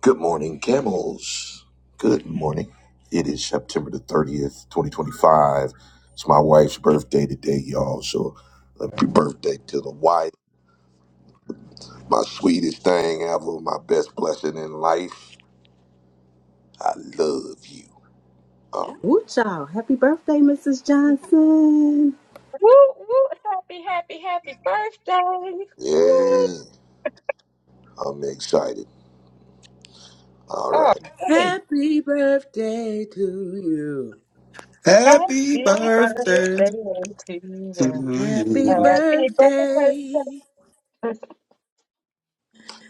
Good morning, camels. Good morning. It is September the 30th, 2025. It's my wife's birthday today, y'all. So happy birthday to the wife. My sweetest thing ever, my best blessing in life. I love you. All right. Woo child. Happy birthday, Mrs. Johnson. Woo, woo, happy, happy, happy birthday. Woo. Yeah, I'm excited. All Oh, right. great. Happy birthday to you. Happy Happy birthday birthday to you. to Happy you. Happy birthday. birthday.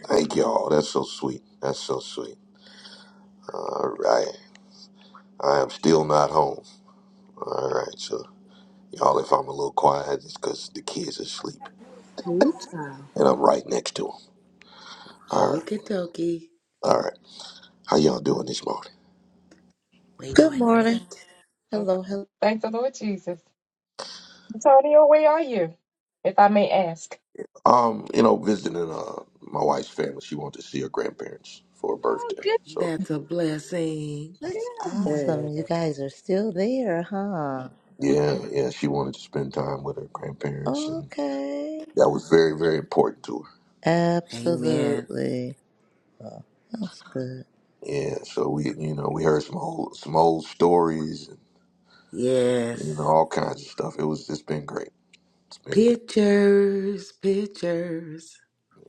Thank y'all. That's so sweet. That's so sweet. All right. I am still not home. All right. So, y'all, if I'm a little quiet, it's because the kids are asleep Woo child. and I'm right next to 'em. All right, Okie dokie. all right. How y'all doing this morning? We Good doing great. morning. Okay. Hello, hello. Thank the Lord Jesus. Antonio, where are you? If I may ask. Um, you know, visiting uh my wife's family. She wanted to see her grandparents for her Oh, birthday. good, So That's a blessing. That's good. awesome. Yeah. You guys are still there, huh? yeah, yeah, she wanted to spend time with her grandparents, and Okay. that was very, very important to her. Amen. Absolutely. Well, that's good. Yeah, so we, you know, we heard some old, some old stories, and you know, Yes. all kinds of stuff. It was, it's been great. It's been, good. Pictures, pictures.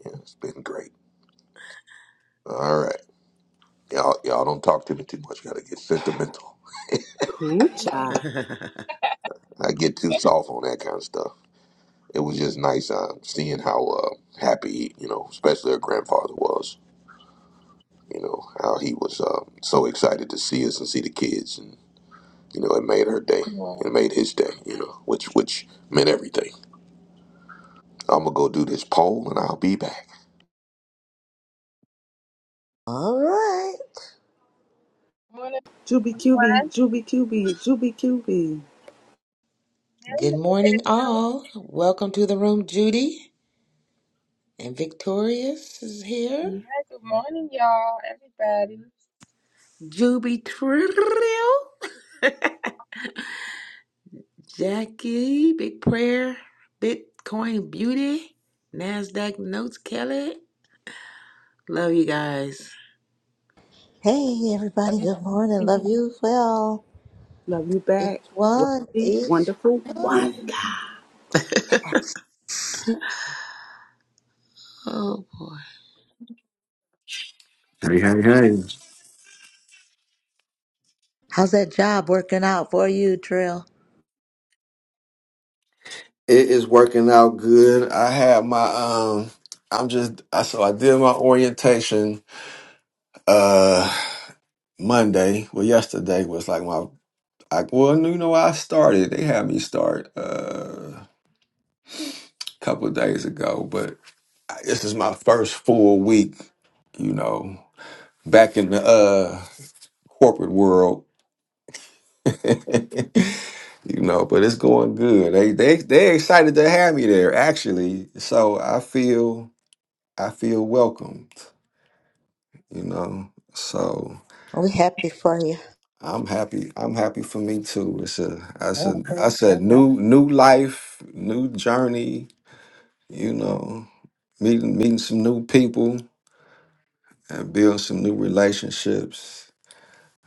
yeah, it's been great. All right, y'all, y'all don't talk to me too much. Got to get sentimental. child. I You get too. too soft on that kind of stuff. it was just nice um, seeing how uh, happy, you know, especially her grandfather was. You know how he was um, so excited to see us and see the kids, and you know it made her day. Good It made his day. You know, which which meant everything. I'm gonna go do this poll, and I'll be back. All right. morning, Juby QB, everyone. Juby QB, Juby QB. Hey, Good morning, Roberto. all. Welcome to the room, Judy. And Victorious is here. Yeah, good morning, y'all, everybody. Juby Trill. Jackie, Big Prayer, Bitcoin Beauty, NASDAQ Notes Kelly. Love you guys. Hey, Love everybody. you. Good morning. Love you as well. Love you back. Each one, Wealthy, each wonderful, one. wonder. Oh boy. Hey, hey, hey. How's that job working out for you, Trill? It is working out good. I had my um I'm just I so I did my orientation uh Monday. Well yesterday was like my I well you know I started. They had me start uh a couple of days ago, but I- this is my first full week, you know, back in the uh corporate world you know, but it's going good. They they they excited to have me there actually. So I feel I feel welcomed, you know. So We happy for you. I'm happy. I'm happy for me too. It's a I Yeah, said I praise God. said new new life, new journey, you know, meeting meeting some new people and build some new relationships.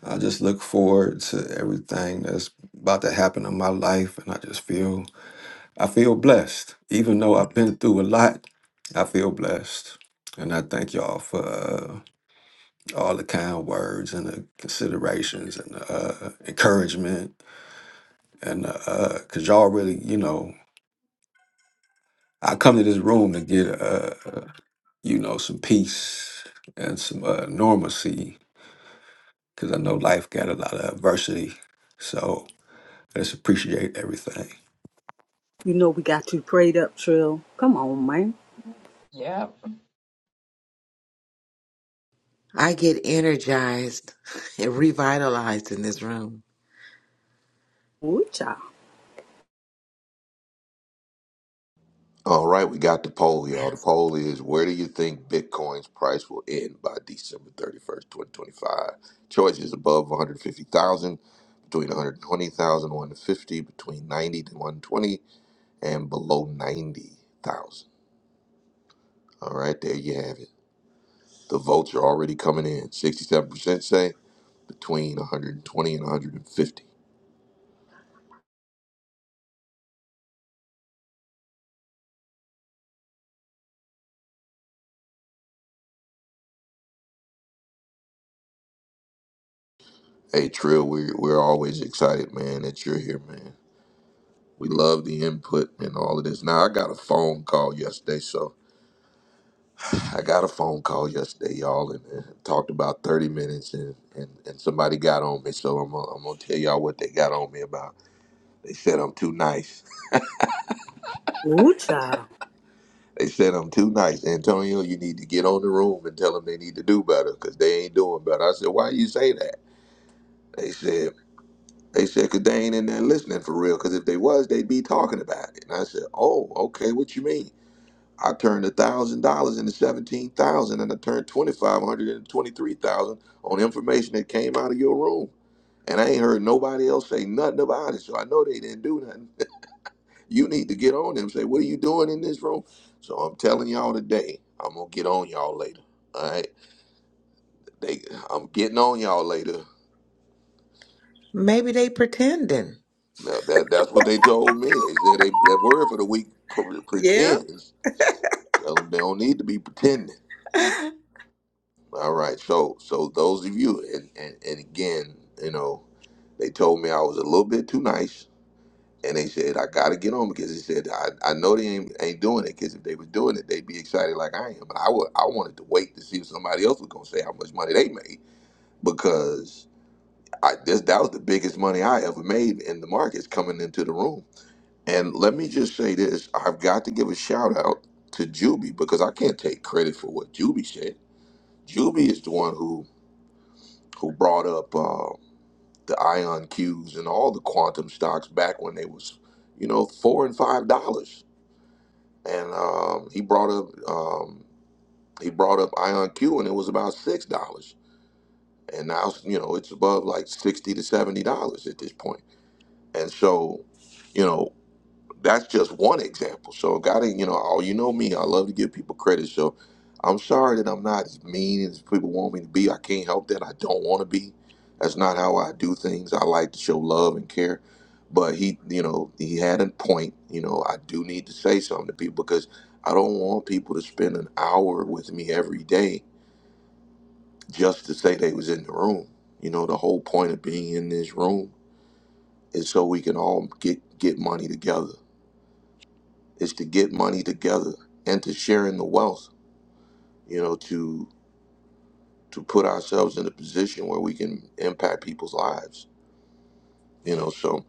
I just look forward to everything that's about to happen in my life and I just feel I feel blessed. Even though I've been through a lot, I feel blessed. And I thank y'all for uh, all the kind words and the considerations and the uh, encouragement. And because y'all really, you know, I come to this room to get, uh, you know, some peace and some uh, normalcy because I know life got a lot of adversity. So I just appreciate everything. You know we got you prayed up, Trill. Come on, man. Yep. I get energized and revitalized in this room. Woo child. All right, we got the poll, y'all. The poll is: Where do you think Bitcoin's price will end by December 31st, 2025? Choices above 150,000, between 120,000 and 150, between 90 to 120 and below 90,000. All right, there you have it. The votes are already coming in. 67% say between 120 and 150. Hey, Trill, we, we're always excited, man, that you're here, man. We love the input and all of this. Now, I got a phone call yesterday, so I got a phone call yesterday, y'all, and, and talked about 30 minutes, and, and, and somebody got on me, so I'm, gonna- I'm going to tell y'all what they got on me about. They said I'm too nice. Woo child. They said I'm too nice, Antonio. You need to get on the room and tell them they need to do better because they ain't doing better. I said, why you say that? They said they said 'cause they ain't in there listening for real. Because if they was, they'd be talking about it. And I said, oh, okay. What you mean? I turned a thousand dollars into seventeen thousand, and I turned twenty five hundred into twenty three thousand on information that came out of your room. And I ain't heard nobody else say nothing about it, so I know they didn't do nothing. You need to get on them. Say, what are you doing in this room? So I'm telling y'all today, I'm gonna get on y'all later. All right, they, I'm getting on y'all later. Maybe they pretending. Now, that that's what they told me. They said they that word for the week pre- Yeah. pretends. Tell them they don't need to be pretending. All right, so so those of you and and, and again, you know, they told me I was a little bit too nice. and they said I gotta get on because they said I, I know they ain't, ain't doing it because if they was doing it they'd be excited like I am. But I would I wanted to wait to see if somebody else was gonna say how much money they made because I this that was the biggest money I ever made in the markets coming into the room. And let me just say this: I've got to give a shout out to Juby because I can't take credit for what Juby said. Juby is the one who who brought up uh, the ion Qs and all the quantum stocks back when they was you know four and five dollars and um, he brought up um, he brought up Ion Q, and it was about six dollars, and now you know it's above like sixty to seventy dollars at this point, point. and so. you know that's just one example. So gotta, you know, oh, you know me, I love to give people credit. So I'm sorry that I'm not as mean as people want me to be. I can't help that. I don't want to be. That's not how I do things. I like to show love and care. But he, you know, he had a point. You know, I do need to say something to people because I don't want people to spend an hour with me every day just to say they was in the room. You know, the whole point of being in this room is so we can all get get money together is to get money together and to share in the wealth, you know, to to put ourselves in a position where we can impact people's lives. You know, so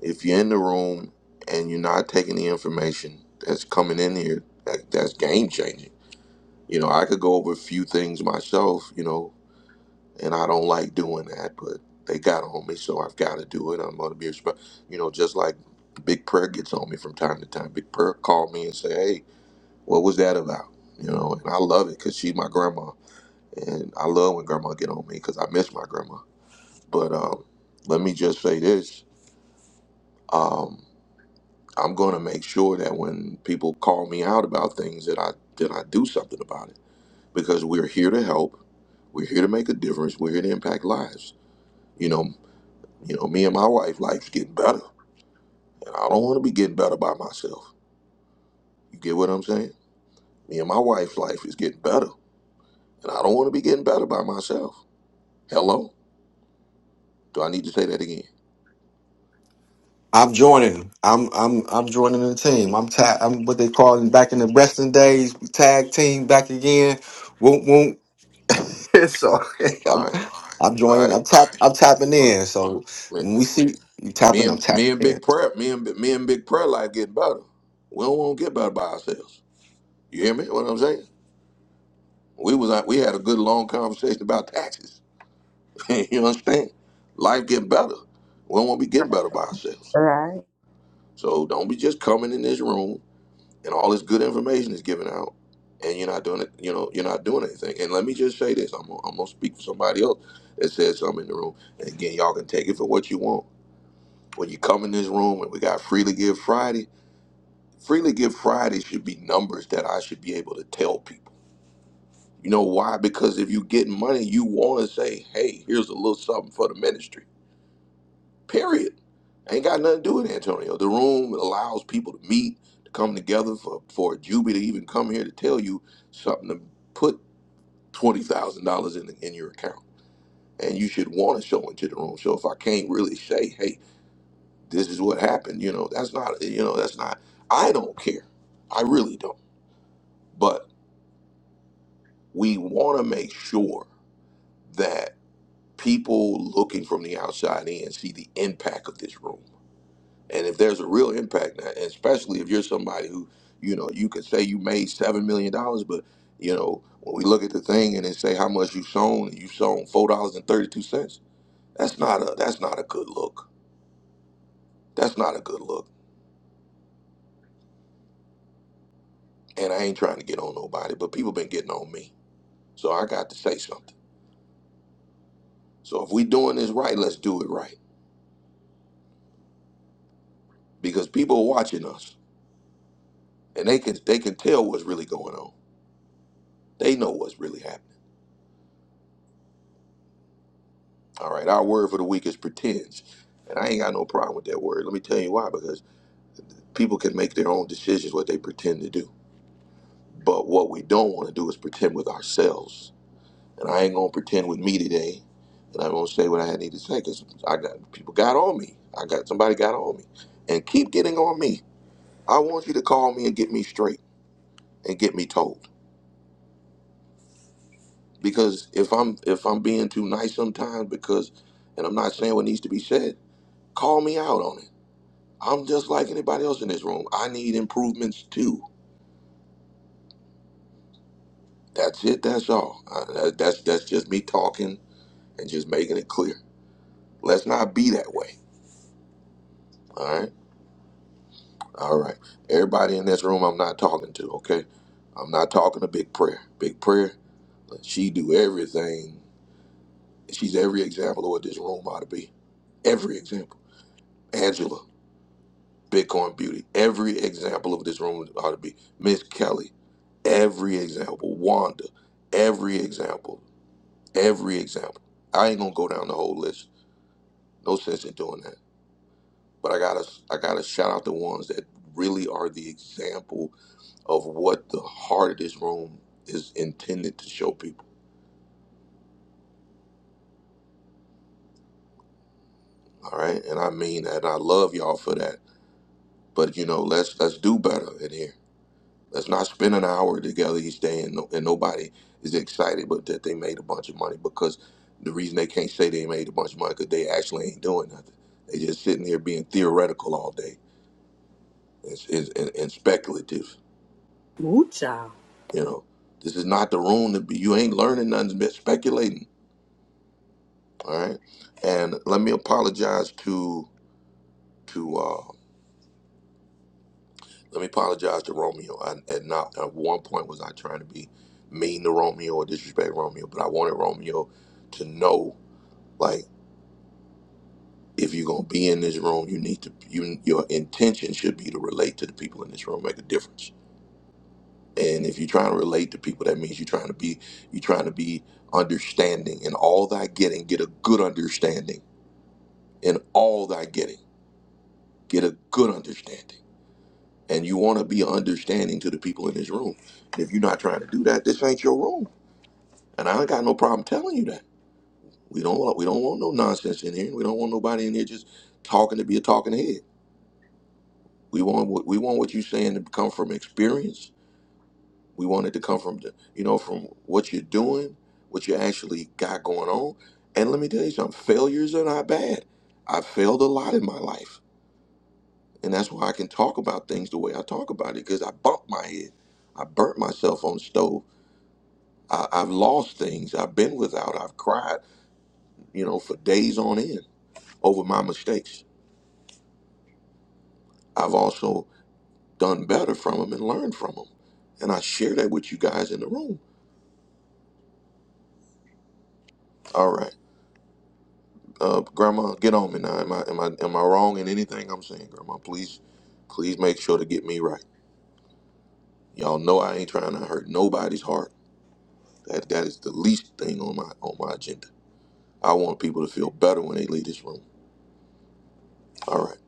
if you're in the room and you're not taking the information that's coming in here, that, that's game changing. You know, I could go over a few things myself, you know, and I don't like doing that, but they got on me, so I've got to do it. I'm going to be, resp- you know, just like Big Prayer gets on me from time to time. Big Prayer called me and say, "Hey, what was that about? You know, and I love it because she's my grandma, and I love when grandma get on me because I miss my grandma. But um, let me just say this: um, I'm going to make sure that when people call me out about things, that I that I do something about it because we're here to help, we're here to make a difference, we're here to impact lives. You know, you know, me and my wife, life's getting better, and I don't want to be getting better by myself. You get what I'm saying? Me and my wife's life is getting better, and I don't want to be getting better by myself. Hello. Do I need to say that again? I'm joining. I'm I'm I'm joining the team. I'm tag. I'm what they called in back in the wrestling days tag team back again. Won't won't. so All I'm right, I'm all joining. right. I'm tap I'm tapping Well, in. So man, when we see you Me tapping, I'm and tapping me and in. Big Prayer, me and me and Big Prayer life getting better. We don't want to get better by ourselves. You hear me? What I'm saying? We was out- we had a good long conversation about taxes. you understand? Life getting better. We don't want to be getting better by ourselves. All right. So don't be just coming in this room and all this good information is given out, and you're not doing it. You know, you're not doing anything. And let me just say this: I'm gonna, I'm gonna speak for somebody else that said something in the room. And again, y'all can take it for what you want. when you come in this room and we got Freely Give Friday, Freely Give Friday should be numbers that I should be able to tell people. You know why? Because if you get money, you want to say, hey, here's a little something for the ministry. Period. Ain't got nothing to do with Antonio. The room allows people to meet, to come together for, for Juby to even come here to tell you something to put $20,000 in, in your account. And you should want to show into the room. So if I can't really say, hey, this is what happened. You know, that's not, you know, that's not, I don't care. I really don't. But we want to make sure that people looking from the outside in see the impact of this room. And if there's a real impact, and especially if you're somebody who, you know, you could say you made $7 million, dollars, but, you know, when we look at the thing and then say how much you sown, and you sown $4.32, that's not a, that's not a good look. That's not a good look. And I ain't trying to get on nobody, but people been getting on me So I got to say something. So if we doing this right, let's do it right because people are watching us and they can they can tell what's really going on. They know what's really happening. All right, our word for the week is pretends. And I ain't got no problem with that word. Let me tell you why because people can make their own decisions what they pretend to do. But what we don't want to do is pretend with ourselves. And I ain't going to pretend with me today. And I'm going to say what I need to say cuz I got people got on me. I got somebody got on me and keep getting on me. I want you to call me and get me straight. and get me told. Because if I'm if I'm being too nice sometimes, because and I'm not saying what needs to be said, call me out on it. I'm just like anybody else in this room. I need improvements too. That's it. That's all. Uh, that's that's just me talking and just making it clear. Let's not be that way. All right. All right. Everybody in this room, I'm not talking to. Okay. I'm not talking to Big Prayer. Big Prayer. She do everything. She's every example of what this room ought to be. Every example. Angela. Bitcoin Beauty. Every example of this room ought to be Miss Kelly. Every example, Wanda. Every example, every example. I ain't gonna go down the whole list. No sense in doing that. But I gotta, I gotta shout out the ones that really are the example of what the heart of this room is intended to show people. All right, and I mean that. I love y'all for that. But you know, let's let's do better in here. Let's not spend an hour together each day and, no, and nobody is excited but that they made a bunch of money because the reason they can't say they made a bunch of money because they actually ain't doing nothing. They just sitting here being theoretical all day it's, and, and speculative. Woo child. You know, this is not the room to be. You ain't learning nothing, but speculating. All right. And let me apologize to to uh, let me apologize to Romeo. I, and not at one point was I trying to be mean to Romeo or disrespect Romeo, but I wanted Romeo to know Like, if you're gonna be in this room, you need to you your intention should be to relate to the people in this room, make a difference. And if you're trying to relate to people, that means you're trying to be you're trying to be understanding in all thy getting, get a good understanding. In all thy getting, get a good understanding. And you want to be understanding to the people in this room. And if you're not trying to do that, this ain't your room. And I ain't got no problem telling you that. We don't want we don't want no nonsense in here. We don't want nobody in here just talking to be a talking head. We want what we want what you're saying to come from experience. We want it to come from the, you know from what you're doing, what you actually got going on. And let me tell you something: failures are not bad. I failed a lot in my life, and that's why I can talk about things the way I talk about it because I bumped my head, I burnt myself on the stove. I, I've lost things. I've been without. I've cried, you know, for days on end over my mistakes. I've also done better from them and learned from them, and I share that with you guys in the room. All right. Uh, Grandma, get on me now. Am I am I am I wrong in anything I'm saying, Grandma? Please, please make sure to get me right. Y'all know I ain't trying to hurt nobody's heart. That that is the least thing on my on my agenda. I want people to feel better when they leave this room. All right,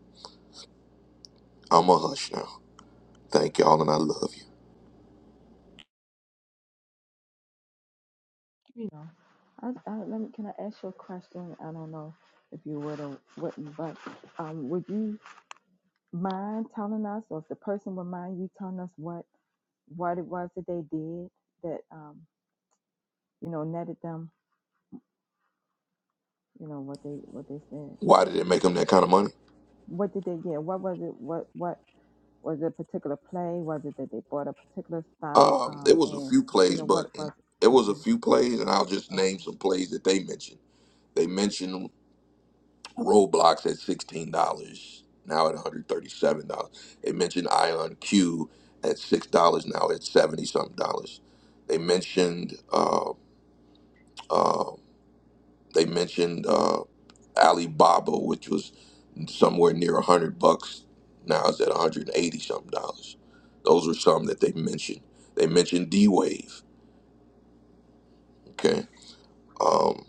I'm a hush now. Thank y'all, and I love you. I, I let me, can I ask you a question? I don't know if you would or wouldn't, but um, would you mind telling us, or if the person would mind you telling us what what it was that they did that um, you know netted them, you know what they what they said. Why did it make them that kind of money? What did they get? What was it? What what was it? A particular play? Was it that they bought a particular stock? Um, it Um, was a and few you plays, know but what was and it it? was a Okay, few plays, and I'll just name okay. some plays that they mentioned. They mentioned. Roblox at sixteen dollars, now at one hundred thirty-seven dollars. They mentioned Ion Q at six dollars, now at seventy something dollars. They mentioned uh, uh, they mentioned uh, Alibaba, which was somewhere near a hundred bucks, now it's at one hundred eighty something dollars. Those were some that they mentioned. They mentioned D Wave. Okay, um,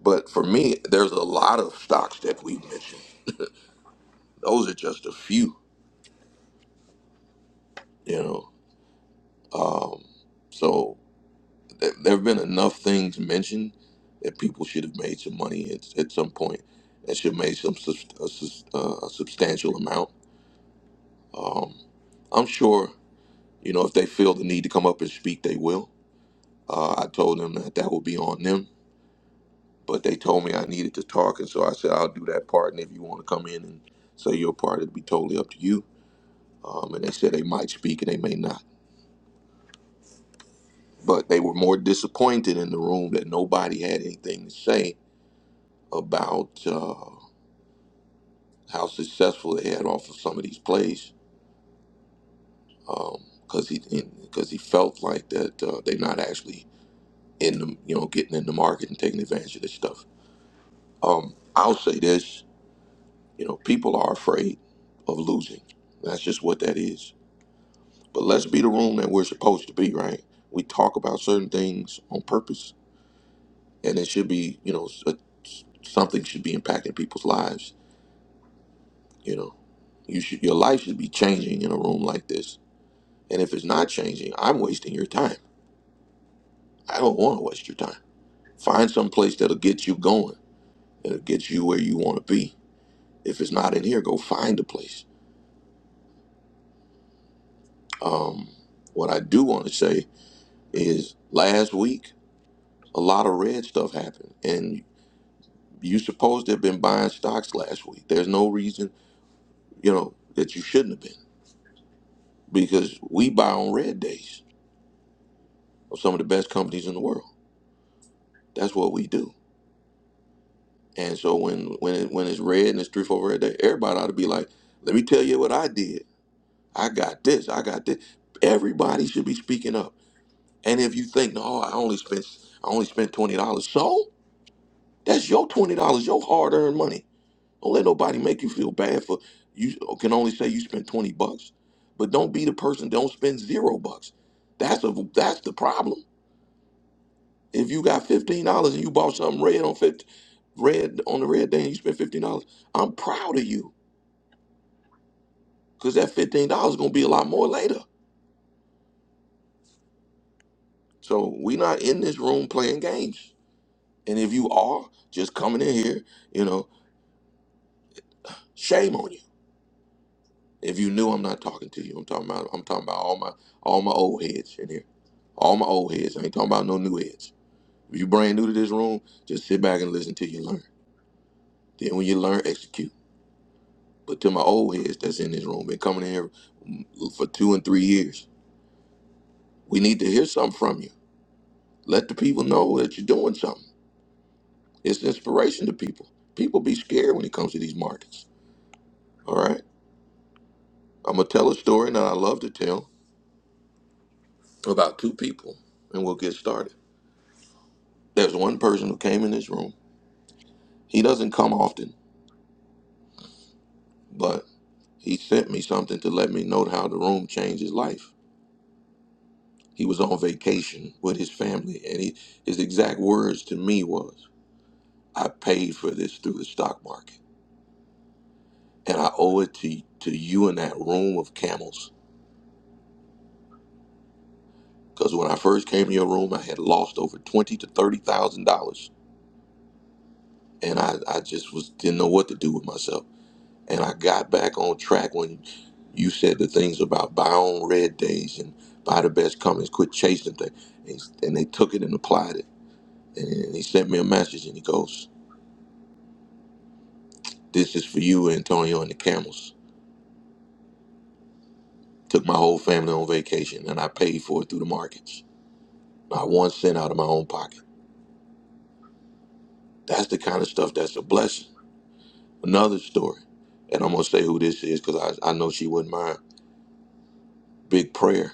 but for me, there's a lot of stocks that we mentioned. Those are just a few. You know Um, so th- there have been enough things mentioned that people should have made some money at, at some point and should have made some sus- a, sus- uh, a substantial amount. Um, I'm sure, you know, if they feel the need to come up and speak, they will. Uh, I told them that that would be on them, but they told me I needed to talk, and so I said I'll do that part. And if you want to come in and say your part, it'd be totally up to you. Um, and they said they might speak and they may not, but they were more disappointed in the room that nobody had anything to say about uh, how successful they had off of some of these plays because um, he because he felt like that uh, they're not actually in the you know getting in the market and taking advantage of this stuff. Um, I'll say this, you know, people are afraid of losing. That's just what that is. But let's be the room that we're supposed to be, right? We talk about certain things on purpose, and it should be, you know, s- uh, something should be impacting people's lives. You know, you should your life should be changing in a room like this And if it's not changing, I'm wasting your time. I don't want to waste your time. Find some place that'll get you going. It'll get you where you want to be. If it's not in here, go find a place. Um, what I do want to say is last week, a lot of red stuff happened. And you supposed to have been buying stocks last week. There's no reason, you know, that you shouldn't have been because we buy on red days of some of the best companies in the world. That's what we do And so when when it, when it's red and it's three four red day, everybody ought to be like, "Let me tell you what I did. I got this. I got this." Everybody should be speaking up. And if you think, "No, I only spent I only spent twenty dollars," so that's your twenty dollars, your hard earned money. Don't let nobody make you feel bad for you. Can only say you spent twenty bucks, but don't be the person. Don't spend zero bucks. That's a that's the problem. If you got fifteen dollars and you bought something red on fifty red on the red day and you spent fifteen dollars, I'm proud of you because that fifteen dollars is gonna be a lot more later. So we not in this room playing games. And if you are just coming in here, you know, shame on you. If you knew I'm not talking to you, I'm talking about I'm talking about all my all my old heads in here. All my old heads. I ain't talking about no new heads. If you brand new to this room, just sit back and listen till you learn. Then when you learn, execute. But to my old heads that's in this room, been coming in here mm, for two and three years, we need to hear something from you. Let the people know that you're doing something. It's inspiration to people. People be scared when it comes to these markets. All right. I'm gonna tell a story that I love to tell about two people, and we'll get started. There's one person who came in this room. He doesn't come often, but he sent me something to let me know how the room changed his life. He was on vacation with his family, and he, his exact words to me was, "I paid for this through the stock market, and I owe it to to you in that room of camels." Because when I first came to your room, I had lost over twenty to thirty thousand dollars, and I, I just was didn't know what to do with myself. And I got back on track when you said the things about buy on red days and buy the best companies, quit chasing things, and, and they took it and applied it. And he sent me a message, and he goes, "This is for you, Antonio, and the camels." Took my whole family on vacation, and I paid for it through the markets. Not one cent out of my own pocket. That's the kind of stuff that's a blessing Another story, and I'm gonna say who this is because I, I know she wouldn't mind. Big prayer.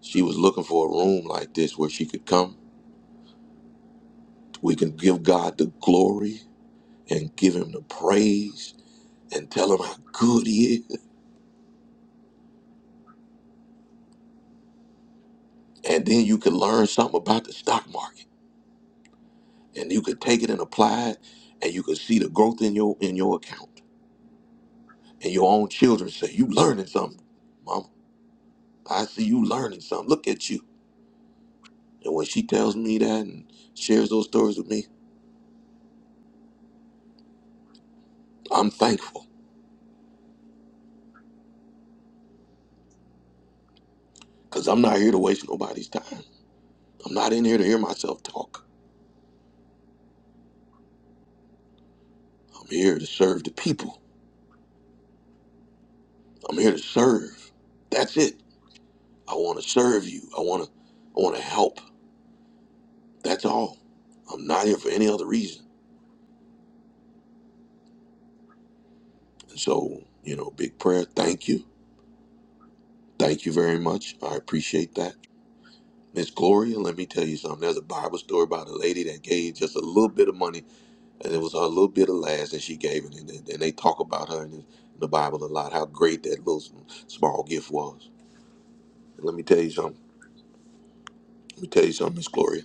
She was looking for a room like this where she could come. We can give God the glory and give Him the praise and tell Him how good He is. And then you can learn something about the stock market, and you could take it and apply it, and you could see the growth in your in your account. And your own children say, "You learning something, Mama? I see you learning something. Look at you." And when she tells me that and shares those stories with me, I'm thankful. Because I'm not here to waste nobody's time. I'm not in here to hear myself talk. I'm here to serve the people. I'm here to serve. That's it. I want to serve you. I want to I want to help. That's all. I'm not here for any other reason. And so, you know, big prayer, thank you. Thank you very much. I appreciate that. Miss Gloria, let me tell you something. There's a Bible story about a lady that gave just a little bit of money, and it was her little bit of last that she gave, and, and, and they talk about her in the in the Bible a lot, how great that little small gift was. Let me tell you something. Let me tell you something, Miss Gloria.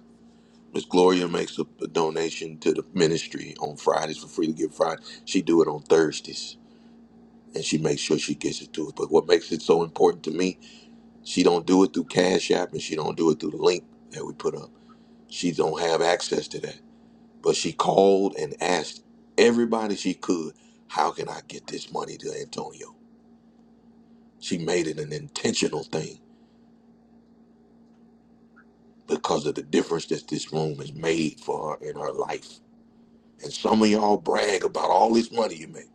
Miss Gloria makes a, a donation to the ministry on Fridays for Free to Give Friday. She do it on Thursdays, and she makes sure she gets it to us. But what makes it so important to me, she don't do it through Cash App, and she don't do it through the link that we put up. She don't have access to that. But she called and asked everybody she could, how can I get this money to Antonio? She made it an intentional thing because of the difference that this room has made for her in her life And some of y'all brag about all this money you make,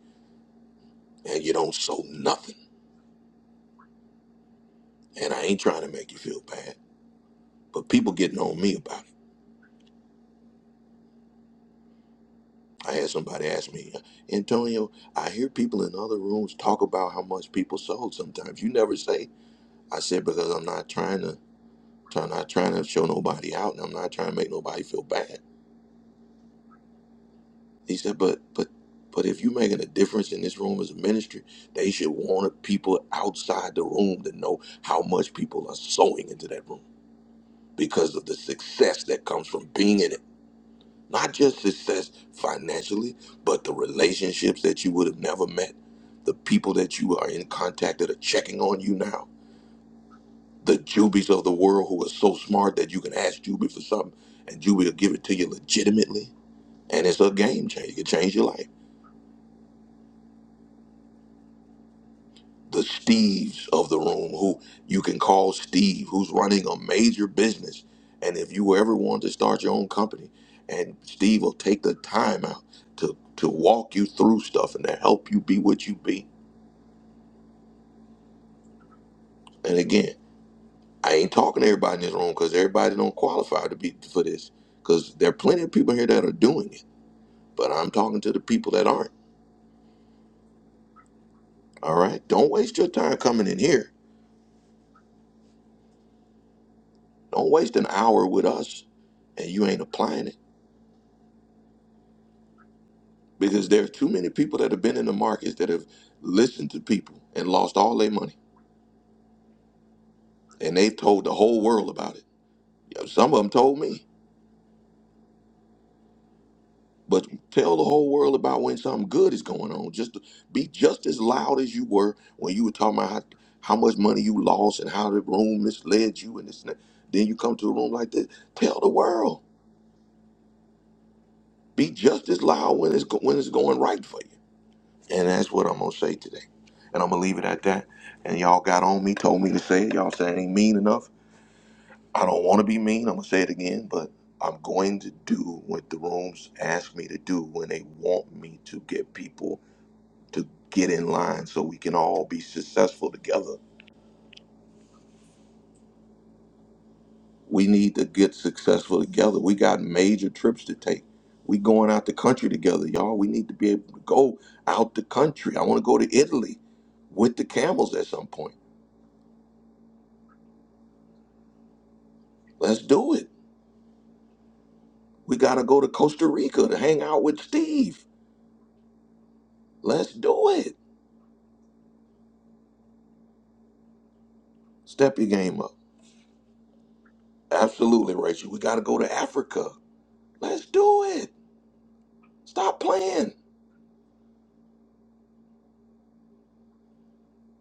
and you don't sow nothing. And I ain't trying to make you feel bad, but people getting on me about it. I had somebody ask me, Antonio, I hear people in other rooms talk about how much people sold sometimes. You never say. I said, because I'm not trying to, I'm not trying to show nobody out, and I'm not trying to make nobody feel bad. He said, but, but, but if you're making a difference in this room as a ministry, they should want people outside the room to know how much people are sowing into that room because of the success that comes from being in it. Not just success financially, but the relationships that you would have never met, the people that you are in contact that are checking on you now, the Jubies of the world who are so smart that you can ask Juby for something and Juby will give it to you legitimately. And it's a game changer. It can change your life. the Steves of the room, who you can call Steve, who's running a major business. And if you ever want to start your own company, and Steve will take the time out to, to walk you through stuff and to help you be what you be. And again, I ain't talking to everybody in this room because everybody don't qualify to be for this. Because there are plenty of people here that are doing it. But I'm talking to the people that aren't. All right. Don't waste your time coming in here. Don't waste an hour with us and you ain't applying it. because there are too many people that have been in the markets that have listened to people and lost all their money and they told the whole world about it Yeah, some of them told me but tell the whole world about when something good is going on just be just as loud as you were when you were talking about how, how much money you lost and how the room misled you and this and that. then you come to a room like this tell the world be just as loud when it's go- when it's going right for you and that's what i'm going to say today and i'm going to leave it at that and y'all got on me told me to say it y'all said it ain't mean enough I don't want to be mean. I'm gonna say it again, but I'm going to do what the rooms ask me to do when they want me to get people to get in line so we can all be successful together. We need to get successful together. We got major trips to take. We going out the country together, y'all. We need to be able to go out the country. I want to go to Italy with the camels at some point. Let's do it. We got to go to Costa Rica to hang out with Steve. Let's do it. Step your game up. Absolutely, Rachel. We got to go to Africa. Let's do it. Stop playing.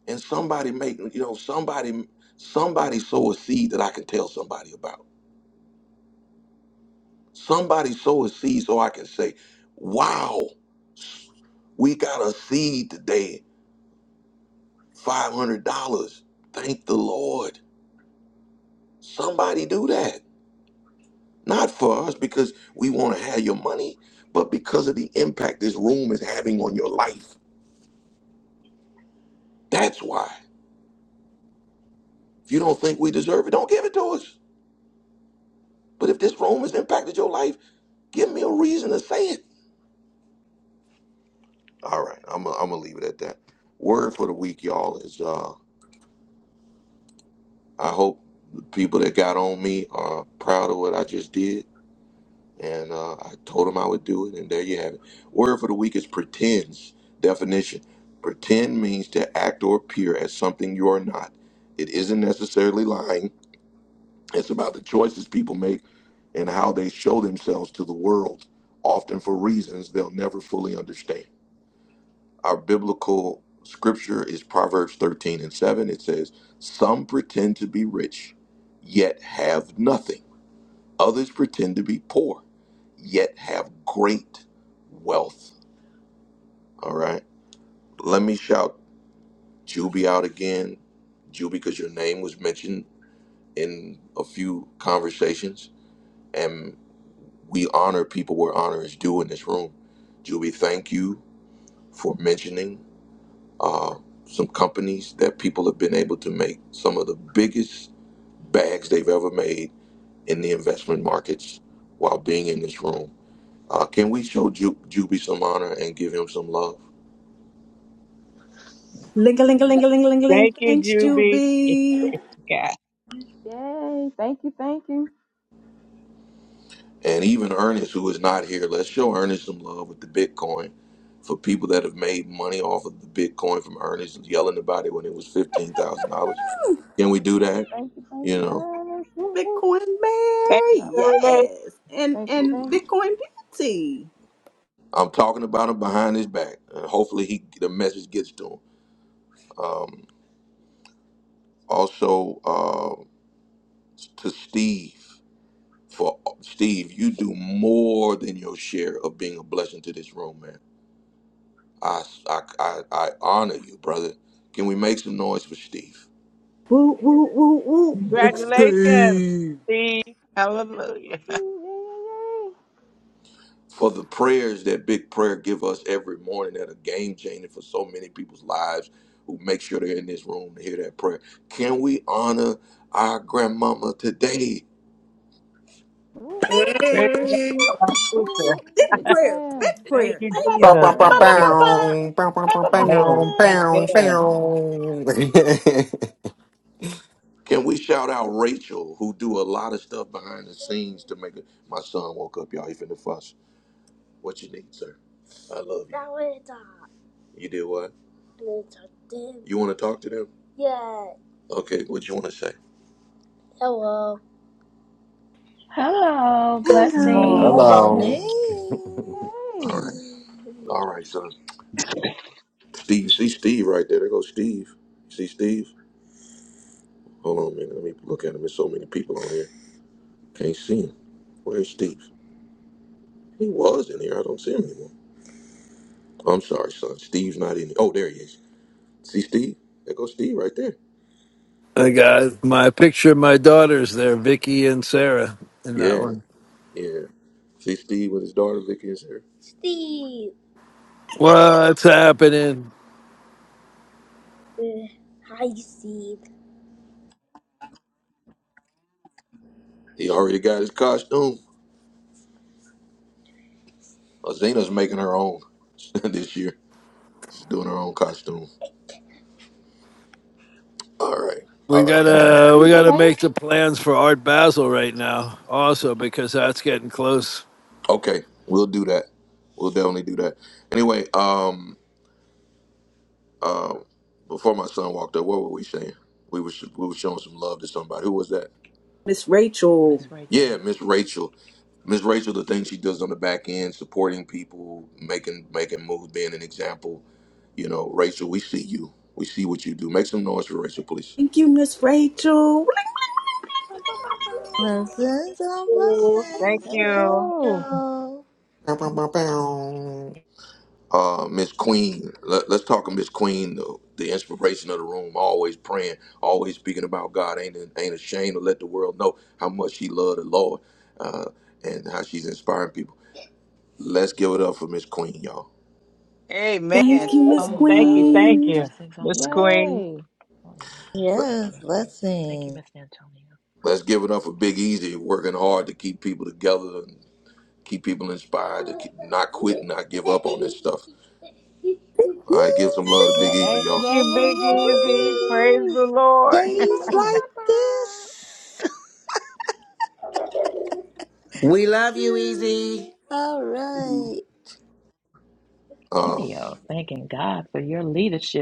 And somebody make you know somebody somebody sow a seed that I can tell somebody about. Somebody sow a seed so I can say, "Wow, we got a seed today, five hundred dollars. Thank the Lord." Somebody do that. Not for us because we want to have your money, but because of the impact this room is having on your life. That's why. If you don't think we deserve it, don't give it to us. But if this room has impacted your life, give me a reason to say it. All right, I'm going to leave it at that. Word for the week, y'all, is uh, I hope the people that got on me are proud of what I just did, and uh, I told them I would do it, and there you have it. Word for the week is pretends. Definition: Pretend means to act or appear as something you are not. It isn't necessarily lying. It's about the choices people make and how they show themselves to the world, often for reasons they'll never fully understand. Our biblical scripture is Proverbs 13 and 7. It says, Some pretend to be rich, yet have nothing. Others pretend to be poor, yet have great wealth. All right. Let me shout Juby out again, Juby, because your name was mentioned in a few conversations, and we honor people where honor is due in this room. Juby, thank you for mentioning um, some companies that people have been able to make some of the biggest bags they've ever made in the investment markets while being in this room. Uh, can we show Ju- Juby some honor and give him some love? Ling a ling a ling a ling a ling a ling. Thank Thanks, you, Juby. Juby. Praise God. Yay! Thank you, thank you. And even Ernest, who is not here, let's show Ernest some love with the Bitcoin for people that have made money off of the Bitcoin from Ernest yelling about it when it was $15,000. Can we do Yeah, that? thank you, thank You you, know, Ernest. Woo, woo. Bitcoin Thank Mary. you Yep. very much. Yes. And Thank you, and thank you. Bitcoin Beauty. I'm talking about him behind his back. And hopefully he the message gets to him. Um, also uh, to Steve. For Steve, you do more than your share of being a blessing to this room, man. I, I, I, I honor you, brother. Can we make some noise for Steve? Woo woo woo woo. Big Congratulations, Steve. Steve. Hallelujah. Whoop, For the prayers that Big Prayer give us every morning that are game changing for so many people's lives who make sure they're in this room to hear that prayer. Can we honor our grandmama today? whoop, Praise God, Hey, my whoop, sister. whoop. Big Big prayer. prayer, Big Thank prayer. you, Thank you, Bow, Jesus. bow, big bow, prayer. Yes, prayer. bow, bow, bow, bow, man. bow, Amen. bow, bow. Can we shout out Rachel, who do a lot of stuff behind the scenes to make it? My son woke up, y'all. He finna fuss. What you need, sir? I love you. You did what? them? You want to talk to them? Okay, what you want to say? Hello, Good Hello, blessings. Hello, Hey, Hello. morning. All hey. right. All right, son. Steve, see Steve right there. There goes Steve. See Steve? Hold on a minute. Let me look at him. There's so many people on here. Can't see him. Where's Steve? He was in here. I don't see him anymore. I'm sorry, son. Steve's not in here. Oh, there he is. See Steve? There goes Steve right there. I got my picture of my daughters there, Vicky and Sarah, in that Yeah, one. yeah. See Steve with his daughter Vicky is here. What's happening? He already got his costume. Zena's making her own this year. She's doing her own costume. All right. We All right. Thank gotta she we gotta paint, make the plans for Art Basel right now, also because that's getting close. Okay. We'll do that. We'll definitely do that. Anyway, um, um, before my son walked up, what were we saying? We were sh- we were showing some love to somebody. Who was that? Miss Rachel. Miss Yeah, Rachel. Miss Rachel. Miss Rachel, the thing she does on the back end, supporting people, making making moves, being an example. You know, Rachel, we see you. We see what you do. Make some noise for Rachel, please. Thank you, Miss Rachel. Blessings on you. Thank blessings. hey Let's you. Joe, go. Bow, bow, bow, bow. uh, Miss Queen. Let, us talk of Miss Queen, the, the inspiration of the room. Always praying, always speaking about God. Ain't ain't ashamed to let the world know how much she loved the Lord uh, and how she's inspiring people. Let's give it up for Miss Queen, y'all. Amen. Thank Thank you, Miss you. hey Oh, Thank you. wow. Thank Queen, Queen. you, Blessings on Miss blessings. Queen. yay, Oh, Lord. Let, Thank you. Yes, Thank you, blessing. Miss Antonio. let's give it up for Big Easy, working hard to keep people together and keep people inspired to keep, not quit and not give up on this stuff. All right, give some love to yeah, Big Easy, Thank y'all. yeah, you, yeah, Big yeah, Easy. Praise easy, the Lord. Days easy. like this. we love you, Easy. All right. Uh, Antonio, thanking God for your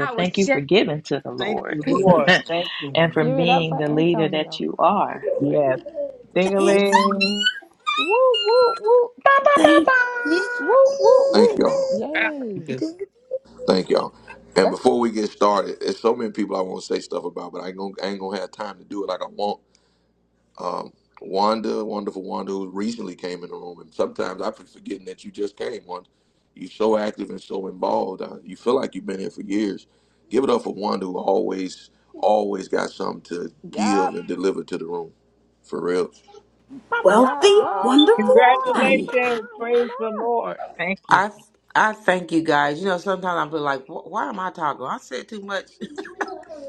I was Thank you for just giving to the Thank Lord you, Amen. Lord. Thank you, and for Lord. Give it up being for the leader that Antonio. you are. Yes. Fancy. Mm. Ding-a-ling. Woo, woo, woo, Thank Yeah. woo, woo, thank woo. y'all. Yay, Thank y'all. And before we get started, there's so many people I want to say stuff about, but I ain't gonna, I ain't gonna have time to do it like I want. Um, Wanda, wonderful Wanda, who recently came in the room, and sometimes I be forgetting that you just came. Wanda, you're so active and so involved. Uh, you feel like you've been here for years. Give it up for Wanda, who always, always got something to give yup, and deliver to the room. For real. yup. wealthy, Wow, wonderful Wanda, Wanda. Congratulations. Wanda. Praise the Lord. Thank you. I I thank you guys. You know, sometimes I feel like, "Wh- why am I talking? I said too much.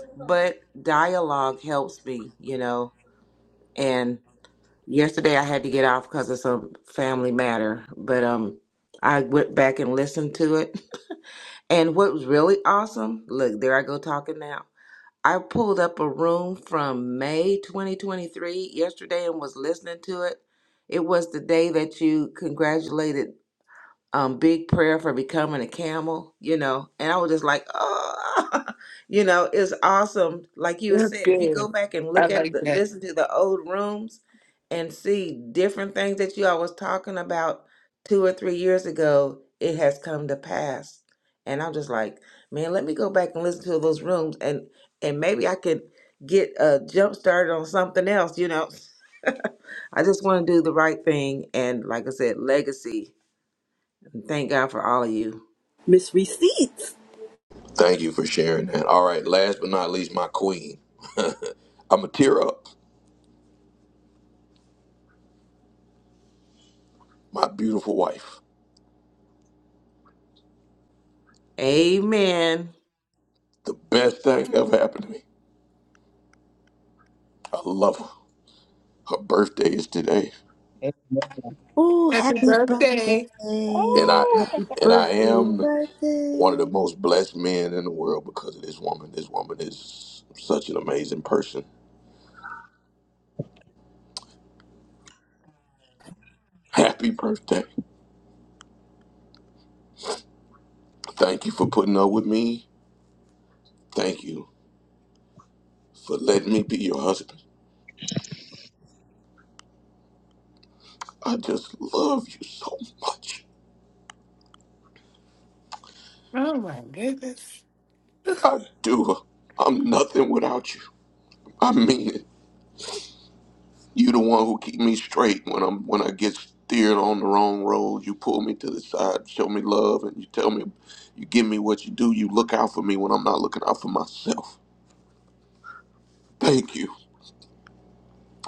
but dialogue helps me, you know. Yesterday I had to get off because of some family matter, but um, I went back and listened to it. And what was really awesome, look, there I go talking now. I pulled up a room from May 2023 yesterday and was listening to it. It was the day that you congratulated um, big prayer for becoming a camel, you know. And I was just like, oh, you know, it's awesome. Like you that's said, if you go good. back and I look at like the that. listen to the old rooms and see different things that you all was talking about two or three years ago, it has come to pass. And I'm just like, man, let me go back and listen to those rooms and and maybe I could get a jump started on something else, you know. I just want to do the right thing and like I said, legacy. thank God for all of you. Miss Receipts. Thank you for sharing that. All right. Last but not least, my queen. I'm gonna tear up. My beautiful wife. Amen. The best thing ever happened to me. I love her. Her birthday is today. Amen. Ooh, Happy happy birthday. And I birthday. Oh, Happy and I birthday. am one of the Birthday. most blessed men in the world because of this woman. This woman is such an amazing person. Happy birthday. Thank you for putting up with me. Thank you for letting me be your husband. I just love you so much. Oh my goodness. I do. I'm nothing without you. I mean it. You the one who keep me straight when I'm when I get steered on the wrong road. You pull me to the side, show me love, and you tell me, you give me what you do. You look out for me when I'm not looking out for myself. Thank you.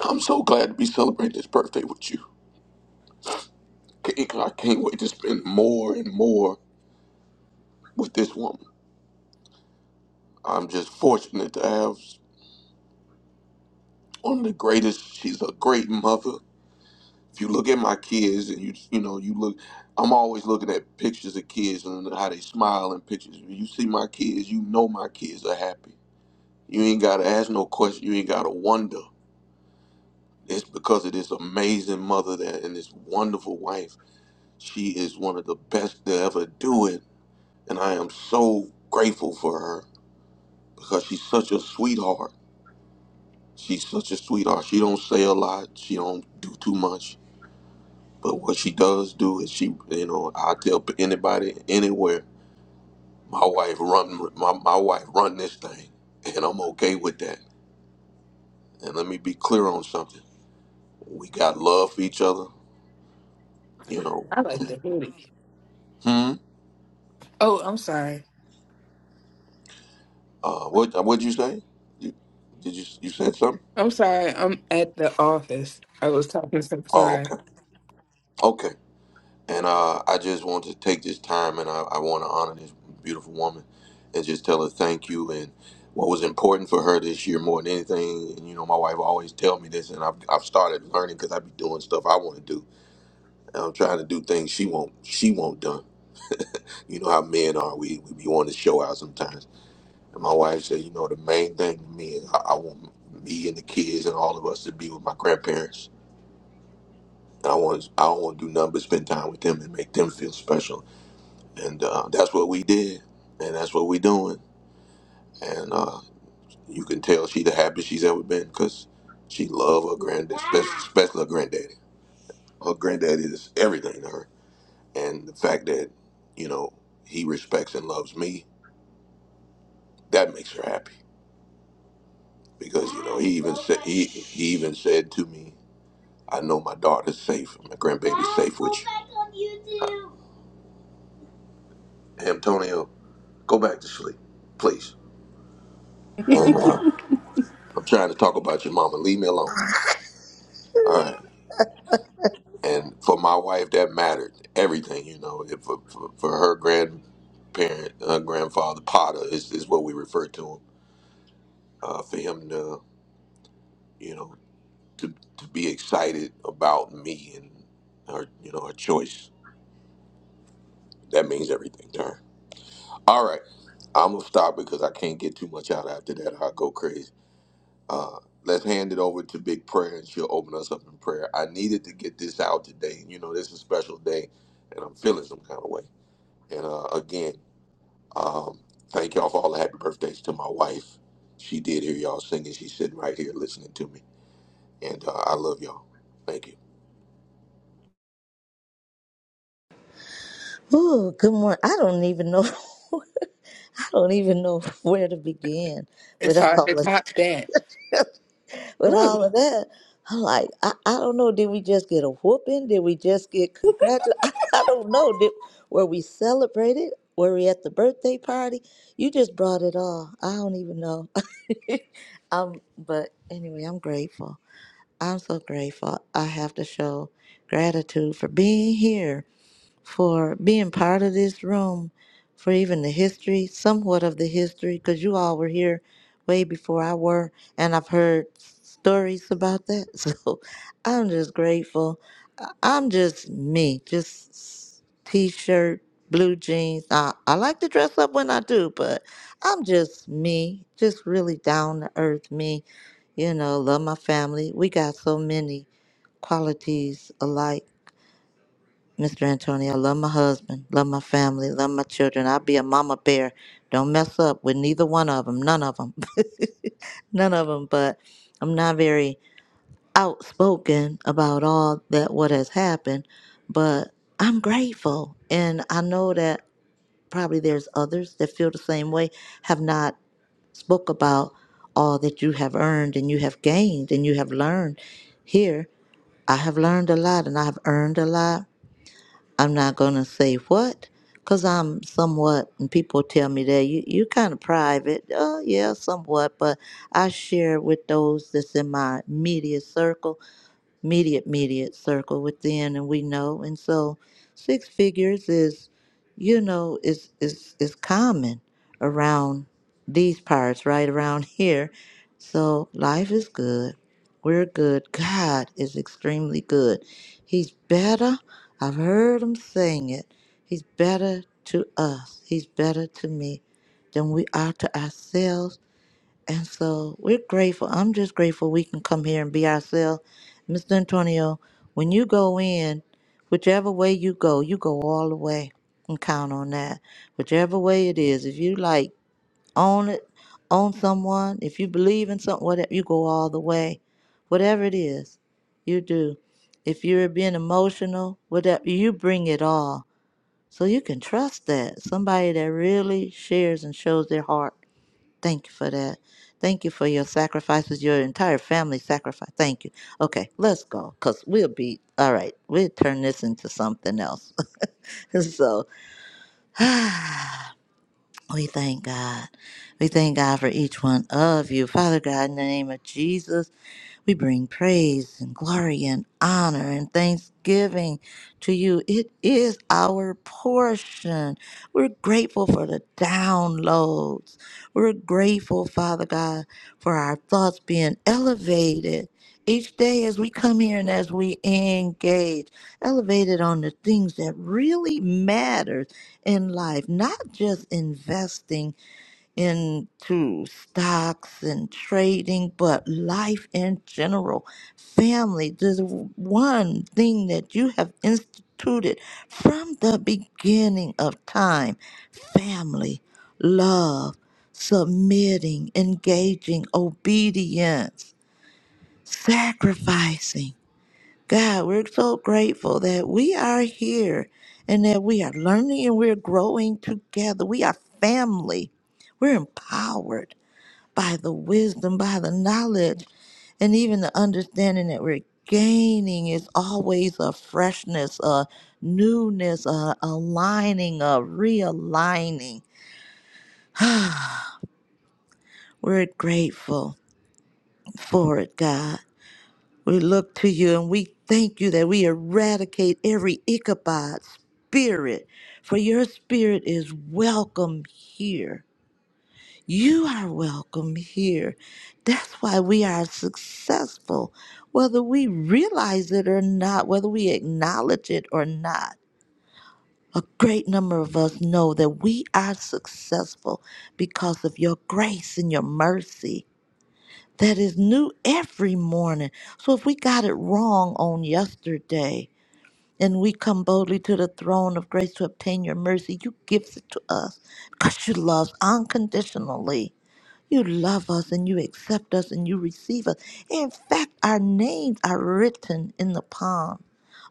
I'm so glad to be celebrating this birthday with you. Can't- I can't wait to spend more and more with this woman. I'm just fortunate to have one of the greatest. She's a great mother. If you look at my kids and you you know you look, I'm always looking at pictures of kids and how they smile in pictures. When you see my kids, you know my kids are happy. You ain't gotta ask no question. You ain't gotta wonder. It's because of this amazing mother that and this wonderful wife. She is one of the best to ever do it, and I am so grateful for her because she's such a sweetheart. She's such a sweetheart. She don't say a lot. She don't do too much. But what she does do is she, you know, I tell anybody anywhere, my wife run, my, my wife run this thing, and I'm okay with that. And let me be clear on something: we got love for each other, you know. I like the hoodie. Hmm. Oh, I'm sorry. Uh, what what'd you say? You, did you you said something? I'm sorry. I'm at the office. I was talking so Oh, sorry. okay. Okay. And uh, I just want to take this time and I, I want to honor this beautiful woman and just tell her thank you. And what was important for her this year more than anything, and you know, my wife always tell me this, and I've, I've started learning because I be doing stuff I want to do. And I'm trying to do things she won't she won't done. You know how men are. We, we be wanting to show out sometimes. And my wife said, you know, the main thing to me is I, I want me and the kids and all of us to be with my grandparents. And I want I don't want to do nothing but spend time with them and make them feel special and uh, that's what we did, and that's what we doing. And uh, you can tell she the happiest she's ever been because she love her granddad, especially, especially her granddaddy. Her granddaddy is everything to her, and the fact that you know he respects and loves me that makes her happy because you know he even said he, he even said to me, "I know my daughter's safe, my grandbaby's safe with you." Uh, Antonio, go back to sleep, please. And, uh, I'm trying to talk about your mama. Leave me alone. All right. and for my wife that mattered everything you know if for, for, for her grandparent uh, grandfather potter is, is what we refer to him uh, for him to you know to, to be excited about me and her you know her choice that means everything to her all right i'm gonna stop because i can't get too much out after that i'll go crazy uh, let's hand it over to big prayer and she'll open us up in prayer i needed to get this out today you know this is a special day and i'm feeling some kind of way and uh, again Um, thank y'all for all the happy birthdays to my wife. She did hear y'all singing. She's sitting right here listening to me. And uh, I love y'all. Thank you. Ooh, good morning. I don't even know. I don't even know where to begin with It's hard to all of top that. it. with all of that. I'm like, I, I don't know. Did we just get a whooping? Did we just get congratulated? I, I don't know. Did were we celebrated? Were we at the birthday party? You just brought it all. I don't even know. um, but anyway, I'm grateful. I'm so grateful. I have to show gratitude for being here for being part of this room, for even the history, somewhat of the history, because you all were here way before I were, and I've heard stories about that. So I'm just grateful. I- I'm just me, just s- t-shirt, blue jeans. I, I like to dress up when I do, but I'm just me, just really down to earth me. You know, love my family. We got so many qualities alike Mr. Antonio, I love my husband, love my family, love my children. I'll be a mama bear. Don't mess up with neither one of them, none of them, none of them. But I'm not very outspoken about all that what has happened, but I'm grateful, and I know that probably there's others that feel the same way, have not spoke about all that you have earned and you have gained and you have learned. Here, I have learned a lot, and I have earned a lot I'm not going to say what because I'm somewhat, and people tell me that you, you kind of private. Oh, yeah, somewhat, but I share with those that's in my media circle immediate, immediate circle within, and we know. And so, six figures is, you know, is is is common around these parts, right around here. So life is good. We're good. God is extremely good. He's better. I've heard him saying it. He's better to us. He's better to me than we are to ourselves and so we're grateful. I'm just grateful we can come here and be ourselves. Mr. Antonio, when you go in, whichever way you go, you go all the way and count on that. Whichever way it is, if you like own it, own someone, if you believe in something, whatever, you go all the way. Whatever it is, you do. If you're being emotional, whatever, you bring it all. So you can trust that. Somebody that really shares and shows their heart Thank you for that. Thank you for your sacrifices, your entire family sacrifice. Thank you. Okay, let's go because we'll be all right. We'll turn this into something else. so we thank God. We thank God for each one of you. Father God, in the name of Jesus. We bring praise and glory and honor and thanksgiving to you. It is our portion. We're grateful for the downloads. We're grateful, Father God, for our thoughts being elevated each day as we come here and as we engage, elevated on the things that really matter in life, not just investing into stocks and trading, but life in general, family, the one thing that you have instituted from the beginning of time family, love, submitting, engaging, obedience, sacrificing. God, we're so grateful that we are here and that we are learning and we're growing together. We are family. We're empowered by the wisdom, by the knowledge, and even the understanding that we're gaining is always a freshness, a newness, a aligning, a realigning. we're grateful for it, God. We look to you and we thank you that we eradicate every Ichabod spirit, for your spirit is welcome here. You are welcome here. That's why we are successful, whether we realize it or not, whether we acknowledge it or not. A great number of us know that we are successful because of your grace and your mercy that is new every morning. So if we got it wrong on yesterday and we come boldly to the throne of grace to obtain your mercy, you gives it to us because you love unconditionally. You love us and you accept us and you receive us. In fact, our names are written in the palm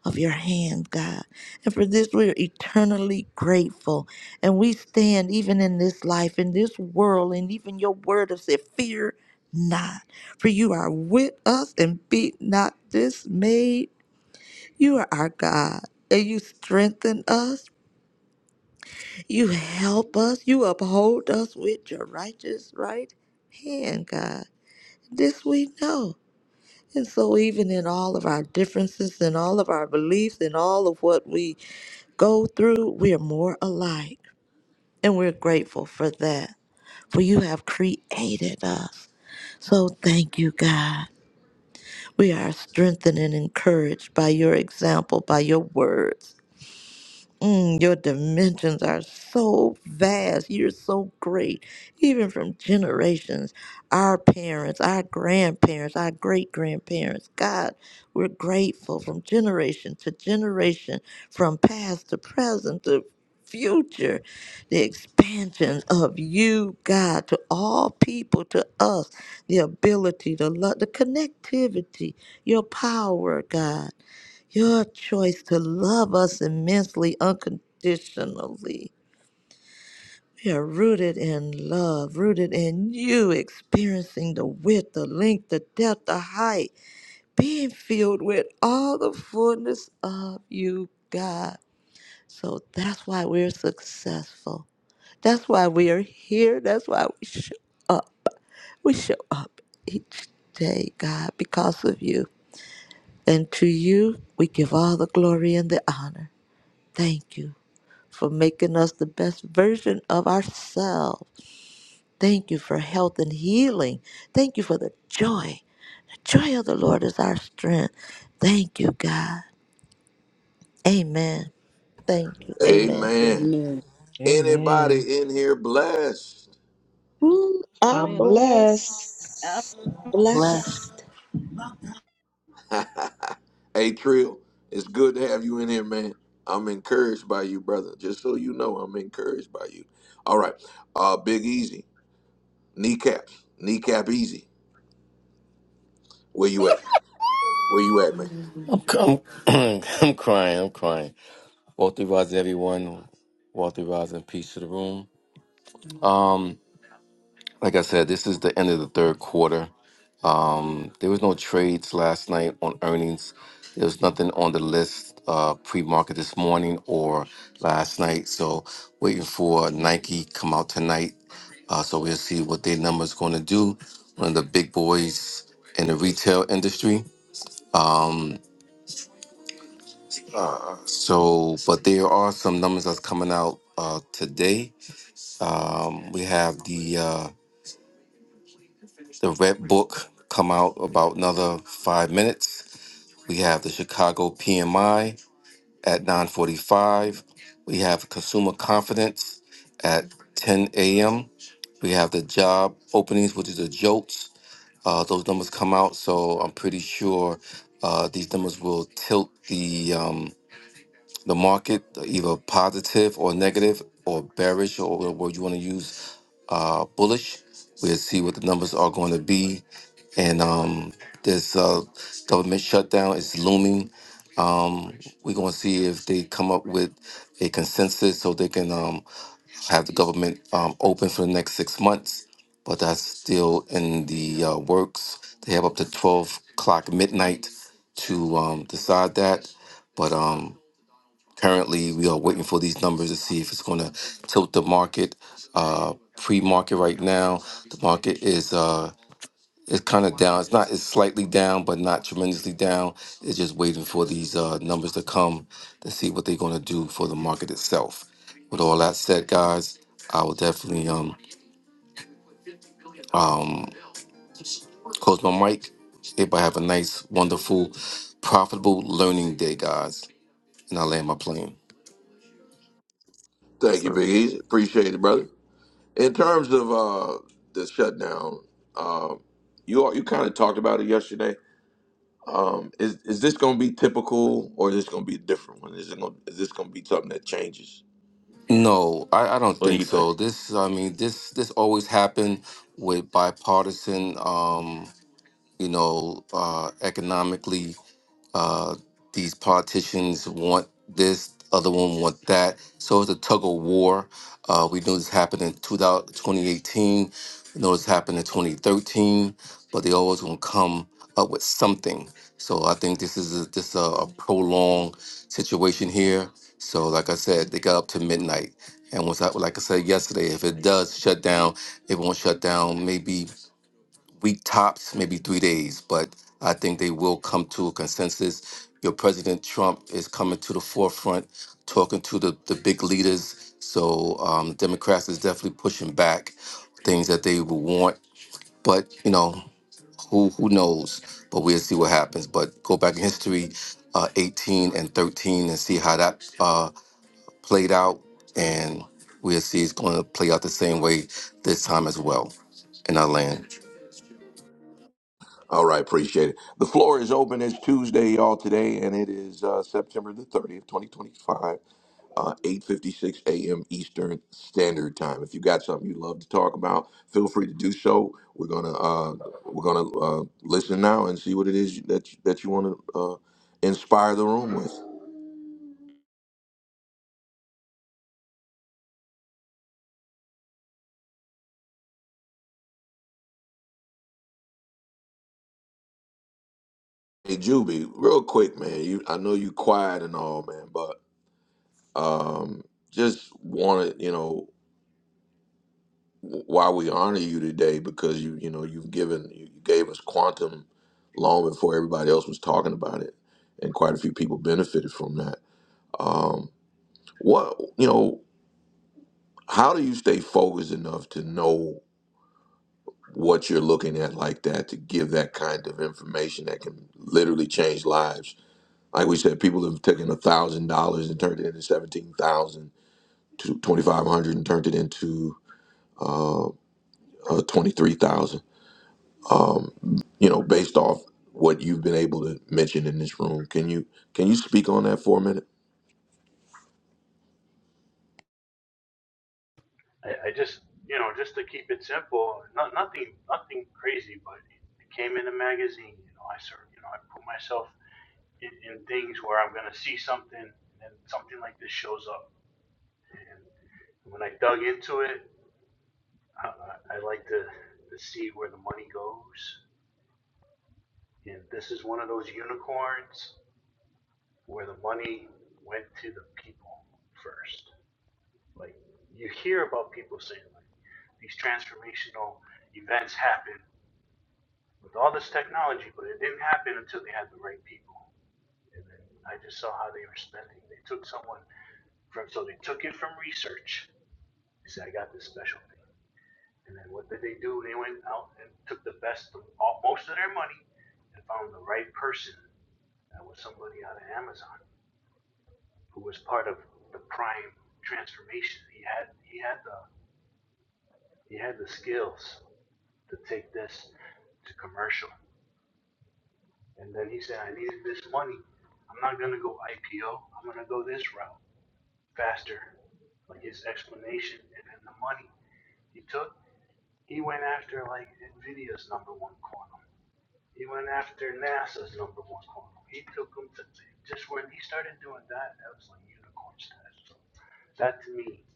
of your hand, God. And for this, we are eternally grateful. And we stand even in this life, in this world, and even your word has said, Fear not, for you are with us and be not dismayed. You are our God. And you strengthen us. You help us. You uphold us with your righteous right hand, God. This we know. And so, even in all of our differences and all of our beliefs and all of what we go through, we are more alike. And we're grateful for that. For you have created us. So, thank you, God. We are strengthened and encouraged by your example, by your words. Mm, your dimensions are so vast. You're so great. Even from generations, our parents, our grandparents, our great grandparents. God, we're grateful from generation to generation, from past to present to future. The expansion of you, God, to all people, to us, the ability, the love, the connectivity, your power, God. Your choice to love us immensely, unconditionally. We are rooted in love, rooted in you, experiencing the width, the length, the depth, the height, being filled with all the fullness of you, God. So that's why we're successful. That's why we are here. That's why we show up. We show up each day, God, because of you. And to you, we give all the glory and the honor. Thank you. for making us the best version of ourselves. Thank you for health and healing. Thank you for the joy. The joy of the Lord is our strength. Thank you, God. Amen. Thank you. Amen. Amen. Amen. Amen. Anybody in here blessed? Ooh, Amen. I'm I'm blessed. Um, blessed. Bless Blessed. hey, Trill, it's good to have you in here, man. I'm encouraged by you, brother. Just so you know, I'm encouraged by you. All right. Uh, Big Easy, kneecaps, kneecap easy. Where you at? Where you at, man? I'm, I'm, I'm crying. I'm crying. Wealthy Rising, everyone. Wealthy Rising, peace to the room. Um, like I said, this is the end of the third quarter. Um, there was no trades last night on earnings. There was nothing on the list uh, pre-market this morning or last night. So waiting for Nike come out tonight. Uh, so we'll see what their numbers going to do. One of the big boys in the retail industry. Um, So, but there are some numbers that's coming out uh, today. Um, we have the uh, the Red Book come out about another five minutes. We have the Chicago PMI at 9:45. We have consumer confidence at 10 a.m. We have the job openings, which is the JOLTS. Uh, those numbers come out, so I'm pretty sure uh, these numbers will tilt the um, the market, either positive or negative or bearish or whatever word you want to use, uh, bullish. We'll see what the numbers are going to be. And um, this uh, government shutdown is looming. Um, we're going to see if they come up with a consensus so they can um, have the government um, open for the next six months. But that's still in the uh, works. They have up to 12 o'clock midnight to um, decide that. But um, Currently, we are waiting for these numbers to see if it's going to tilt the market. Uh, pre-market right now, the market is uh, it's kind of down. It's not. It's slightly down, but not tremendously down. It's just waiting for these uh, numbers to come to see what they're going to do for the market itself. With all that said, guys, I will definitely um um close my mic. Everybody have a nice, wonderful, profitable learning day, guys, and I land my plane. Thank you, Big Easy. Appreciate it, brother. In terms of uh, the shutdown, um, you all, you kind of talked about it yesterday. Um, is is this going to be typical, or is this going to be a different one? Is it going is this going to be something that changes? No, I, I don't What do think you think? so. This, I mean, this this always happened with bipartisan, um, you know, uh, economically uh, these politicians want this, other one want that. So it's a tug of war. Uh, we know this happened in 2000 2018. We know this happened in 2013. But they always gonna come up with something. So I think this is a, this a, a prolonged situation here. So like I said, they got up to midnight. And once I, like I said yesterday, if it does shut down, it won't shut down maybe week tops, maybe three days, but I think they will come to a consensus. Your President Trump is coming to the forefront, talking to the, the big leaders. So um, Democrats is definitely pushing back things that they will want. But, you know, who who knows? But we'll see what happens. But go back in history, uh, 18 and 13, and see how that uh, played out. And we'll see it's going to play out the same way this time as well in our land. All right, appreciate it. The floor is open. It's Tuesday, y'all, today, and it is uh, September the 30th, 2025, uh, 8.56 a.m. Eastern Standard Time. If you got something you'd love to talk about, feel free to do so. We're going to uh, we're gonna uh, listen now and see what it is that you, that you want to uh, inspire the room with. Hey, Juby, real quick, man. You, I know you quiet and all, man, but um, just wanted, you know, why we honor you today because you you know you've given you gave us quantum long before everybody else was talking about it and quite a few people benefited from that um what you know how do you stay focused enough to know what you're looking at like that to give that kind of information that can literally change lives like we said people have taken a thousand dollars and turned it into seventeen thousand to twenty five hundred and turned it into uh, uh twenty three thousand um, you know, based off what you've been able to mention in this room. Can you can you speak on that for a minute? I, I just, you know, just to keep it simple, not, nothing, nothing crazy, but it came in a magazine. You know, I sort, you know, I put myself in, in things where I'm gonna see something, and something like this shows up. And when I dug into it, I, I I like to, to see where the money goes. And this is one of those unicorns where the money went to the people first. Like you hear about people saying, like these transformational events happen with all this technology, but it didn't happen until they had the right people. And then I just saw how they were spending. They took someone from, so they took it from research. They said, I got this special thing. And then what did they do? They went out and took the best of all, most of their money and found the right person. That was somebody out of Amazon who was part of the prime transformation. He had he had the he had the skills to take this to commercial. And then he said, I needed this money. I'm not going to go IPO. I'm going to go this route faster. Like his explanation and then the money he took, he went after like NVIDIA's number one quantum. He went after NASA's number one quantum. He took them to just when he started doing that, that was like unicorn status. So that to me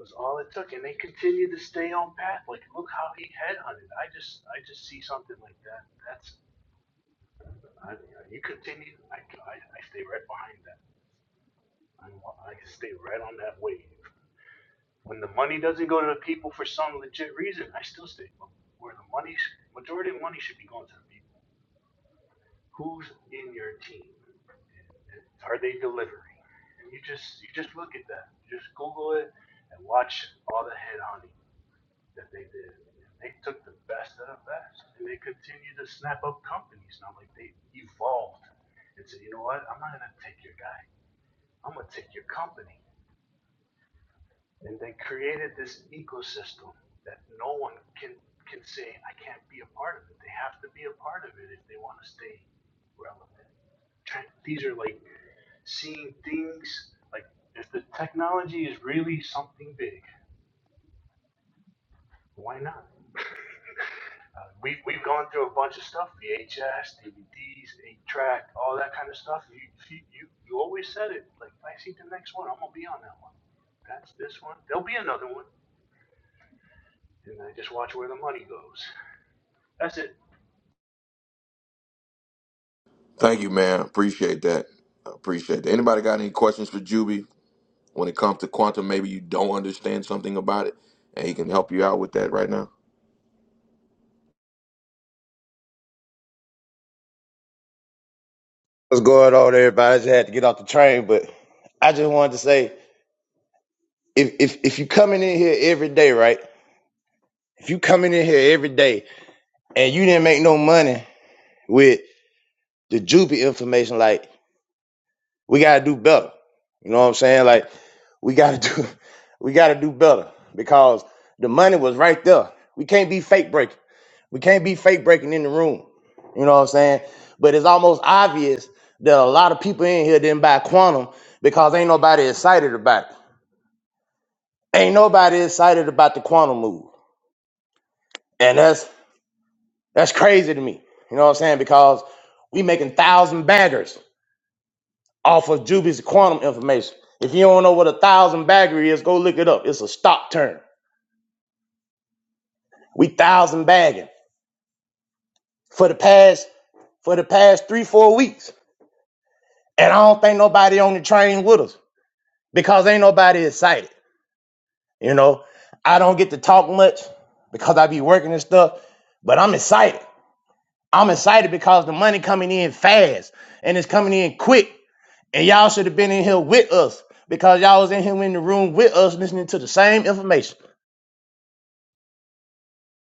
was all it took. And they continued to stay on path. Like look how he headhunted. I just I just see something like that. That's I, you continue. I, I, I stay right behind that. I, I stay right on that wave. When the money doesn't go to the people for some legit reason, I still stay where the money, majority of money should be going to the people. Who's in your team? Are they delivering? And you just you just look at that. Just Google it and watch all the head hunting. that they did. They took the best of the best, and they continue to snap up companies. Now, like they evolved and said, you know what? I'm not gonna take your guy. I'm gonna take your company. And they created this ecosystem that no one can can say I can't be a part of it. They have to be a part of it if they want to stay relevant. These are like seeing things like if the technology is really something big, why not? Uh, We've, we've gone through a bunch of stuff, VHS, DVDs, 8-track, all that kind of stuff. You, you, you, you always said it, like, if I see the next one, I'm going to be on that one. That's this one. There'll be another one. And I just watch where the money goes. That's it. Thank you, man. Appreciate that. Appreciate that. Anybody got any questions for Juby when it comes to quantum? Maybe you don't understand something about it, and he can help you out with that right now. What's going on, everybody? I just had to get off the train, but I just wanted to say, if if if you coming in here every day, right? If you coming in here every day and you didn't make no money with the Jupy information, like we gotta do better. You know what I'm saying? Like we gotta do we gotta do better because the money was right there. We can't be fake breaking. We can't be fake breaking in the room. You know what I'm saying? But it's almost obvious that a lot of people in here didn't buy quantum because ain't nobody excited about it. Ain't nobody excited about the quantum move. And that's that's crazy to me. You know what I'm saying? Because we making thousand baggers off of Juby's quantum information. If you don't know what a thousand bagger is, go look it up. It's a stock term. We thousand bagging for the past for the past three, four weeks. And I don't think nobody on the train with us because ain't nobody excited. You know, I don't get to talk much because I be working and stuff, but I'm excited. I'm excited because the money coming in fast and it's coming in quick. And y'all should have been in here with us because y'all was in here in the room with us listening to the same information.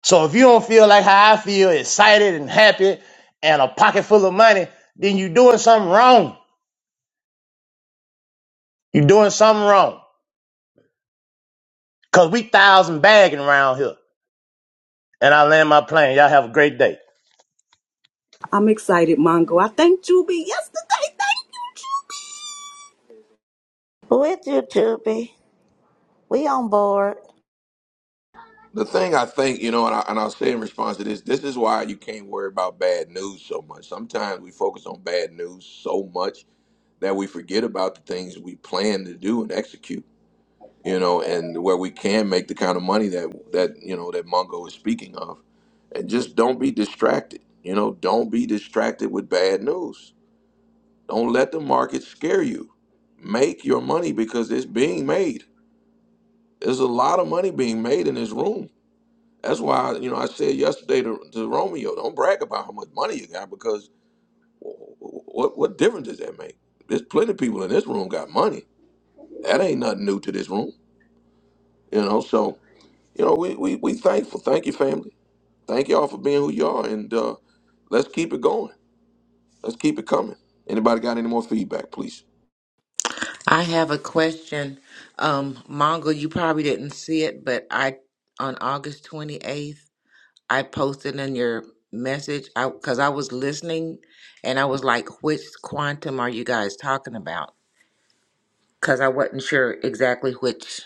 So if you don't feel like how I feel, excited and happy and a pocket full of money, then you doing something wrong. you doing something wrong. Cause we thousand bagging around here. And I land my plane. Y'all have a great day. I'm excited, Mongo. I thanked Juby yesterday. Thank you, Juby. With you, Tubi. We on board. The thing I think, you know, and, I, and I'll say in response to this, this is why you can't worry about bad news so much. Sometimes we focus on bad news so much that we forget about the things we plan to do and execute you know, and where we can make the kind of money that that you know that Mongo is speaking of, and just don't be distracted. You know, don't be distracted with bad news. Don't let the market scare you. Make your money because it's being made. There's a lot of money being made in this room. That's why you know I said yesterday to, to Romeo, don't brag about how much money you got because what what difference does that make? There's plenty of people in this room got money. That ain't nothing new to this room. You know, so you know, we, we, we thankful. Thank you, family. Thank y'all for being who you are. And uh, let's keep it going. Let's keep it coming. Anybody got any more feedback, please? I have a question. Um, Mongo, you probably didn't see it, but I on August 28th, I posted in your message I because I was listening and I was like, which quantum are you guys talking about? Because I wasn't sure exactly which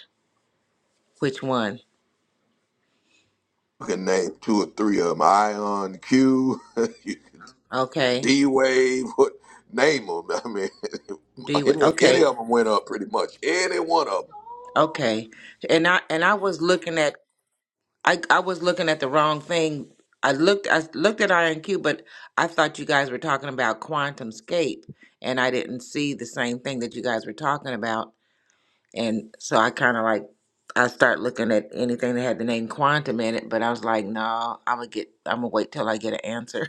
which one. I can name two or three of them. Ion Q, Okay. D Wave, what name them? I mean, Do you any, any okay. of them went up pretty much. Any one of them. Okay. And I and I was looking at I I was looking at the wrong thing. I looked I looked at Iron Cube, but I thought you guys were talking about quantum scape, and I didn't see the same thing that you guys were talking about. And so I kind of like I start looking at anything that had the name quantum in it, but I was like, no, I'm gonna get I'm gonna wait till I get an answer.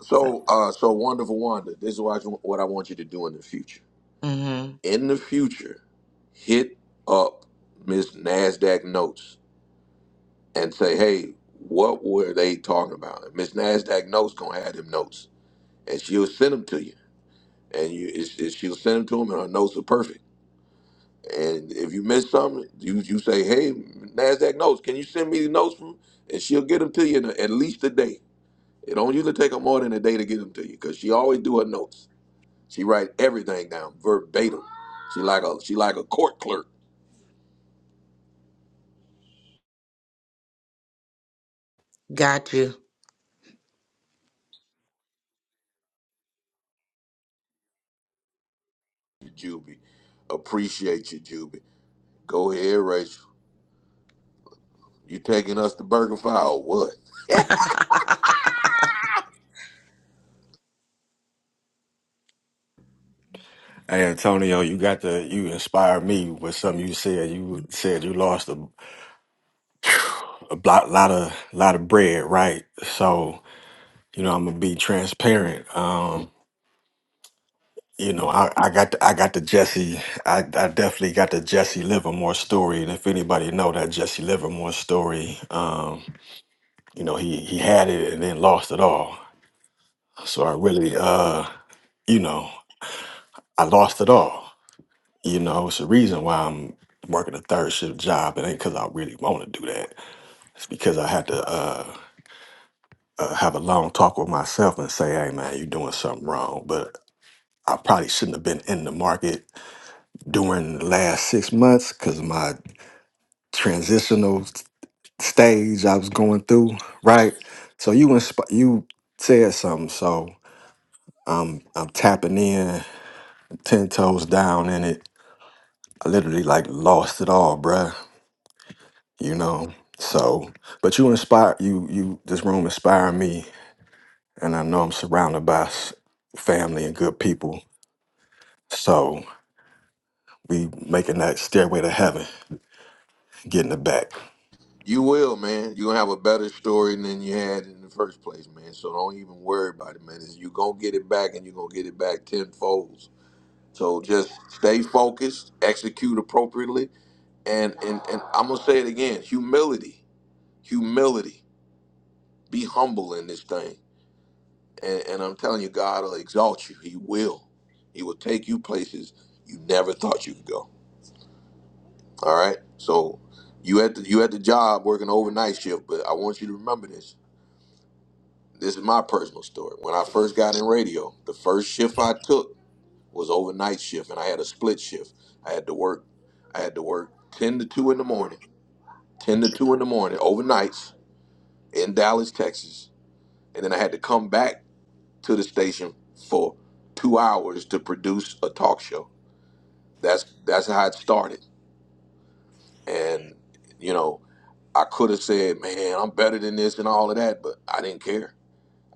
so, So, uh, so wonderful Wanda. This is what I, what I want you to do in the future. mm hmm In the future, hit up Miss Nasdaq Notes. and say, hey, what were they talking about? And Miss Nasdaq notes gonna have them notes, and she'll send them to you, and you it's, it's, she'll send them to them, and her notes are perfect. And if you miss something, you you say, hey, Nasdaq notes, can you send me the notes from? And she'll get them to you in at least a day. It don't usually take her more than a day to get them to you, because she always do her notes. She write everything down verbatim. She like a she like a court clerk. got you. Juby, appreciate you, Juby. Go ahead, Rachel. You taking us to Burger or what? Hey Antonio, you got the you inspired me with something you said. You said you lost a a lot, lot of lot of bread, right? So you know, I'm gonna be transparent. Um, you know, I, I got the, I got the Jesse. I, I definitely got the Jesse Livermore story, and if anybody know that Jesse Livermore story, um, you know, he he had it and then lost it all. So I really, uh, you know, I lost it all. You know, it's the reason why I'm working a third shift job. It ain't because I really want to do that. It's because I had to. Uh, uh, have a long talk with myself and say, hey, man, you're doing something wrong. But I probably shouldn't have been in the market during the last six months because of my transitional s- stage I was going through, right? So you insp- you said something. So I'm, I'm tapping in, 10 toes down in it. I literally like lost it all, bruh, you know? So, but you inspire, you, you, this room inspired me. And I know I'm surrounded by s- family and good people So we making that stairway to heaven, getting it back. You will, man. You're gonna have a better story than you had in the first place, man. So don't even worry about it, man. It's- you gonna get it back and you're gonna get it back tenfold. So just stay focused, execute appropriately, and, and and I'm gonna say it again, humility. Humility. Be humble in this thing. And and I'm telling you, God will exalt you. He will. He will take you places you never thought you could go. All right. So you at the you at the job working overnight shift, but I want you to remember this. This is my personal story. When I first got in radio, the first shift I took was overnight shift, and I had a split shift. I had to work. I had to work ten to two in the morning, ten to two in the morning, overnights in Dallas, Texas, and then I had to come back to the station for two hours to produce a talk show. That's that's how it started, and you know I could have said, man, I'm better than this and all of that, but I didn't care.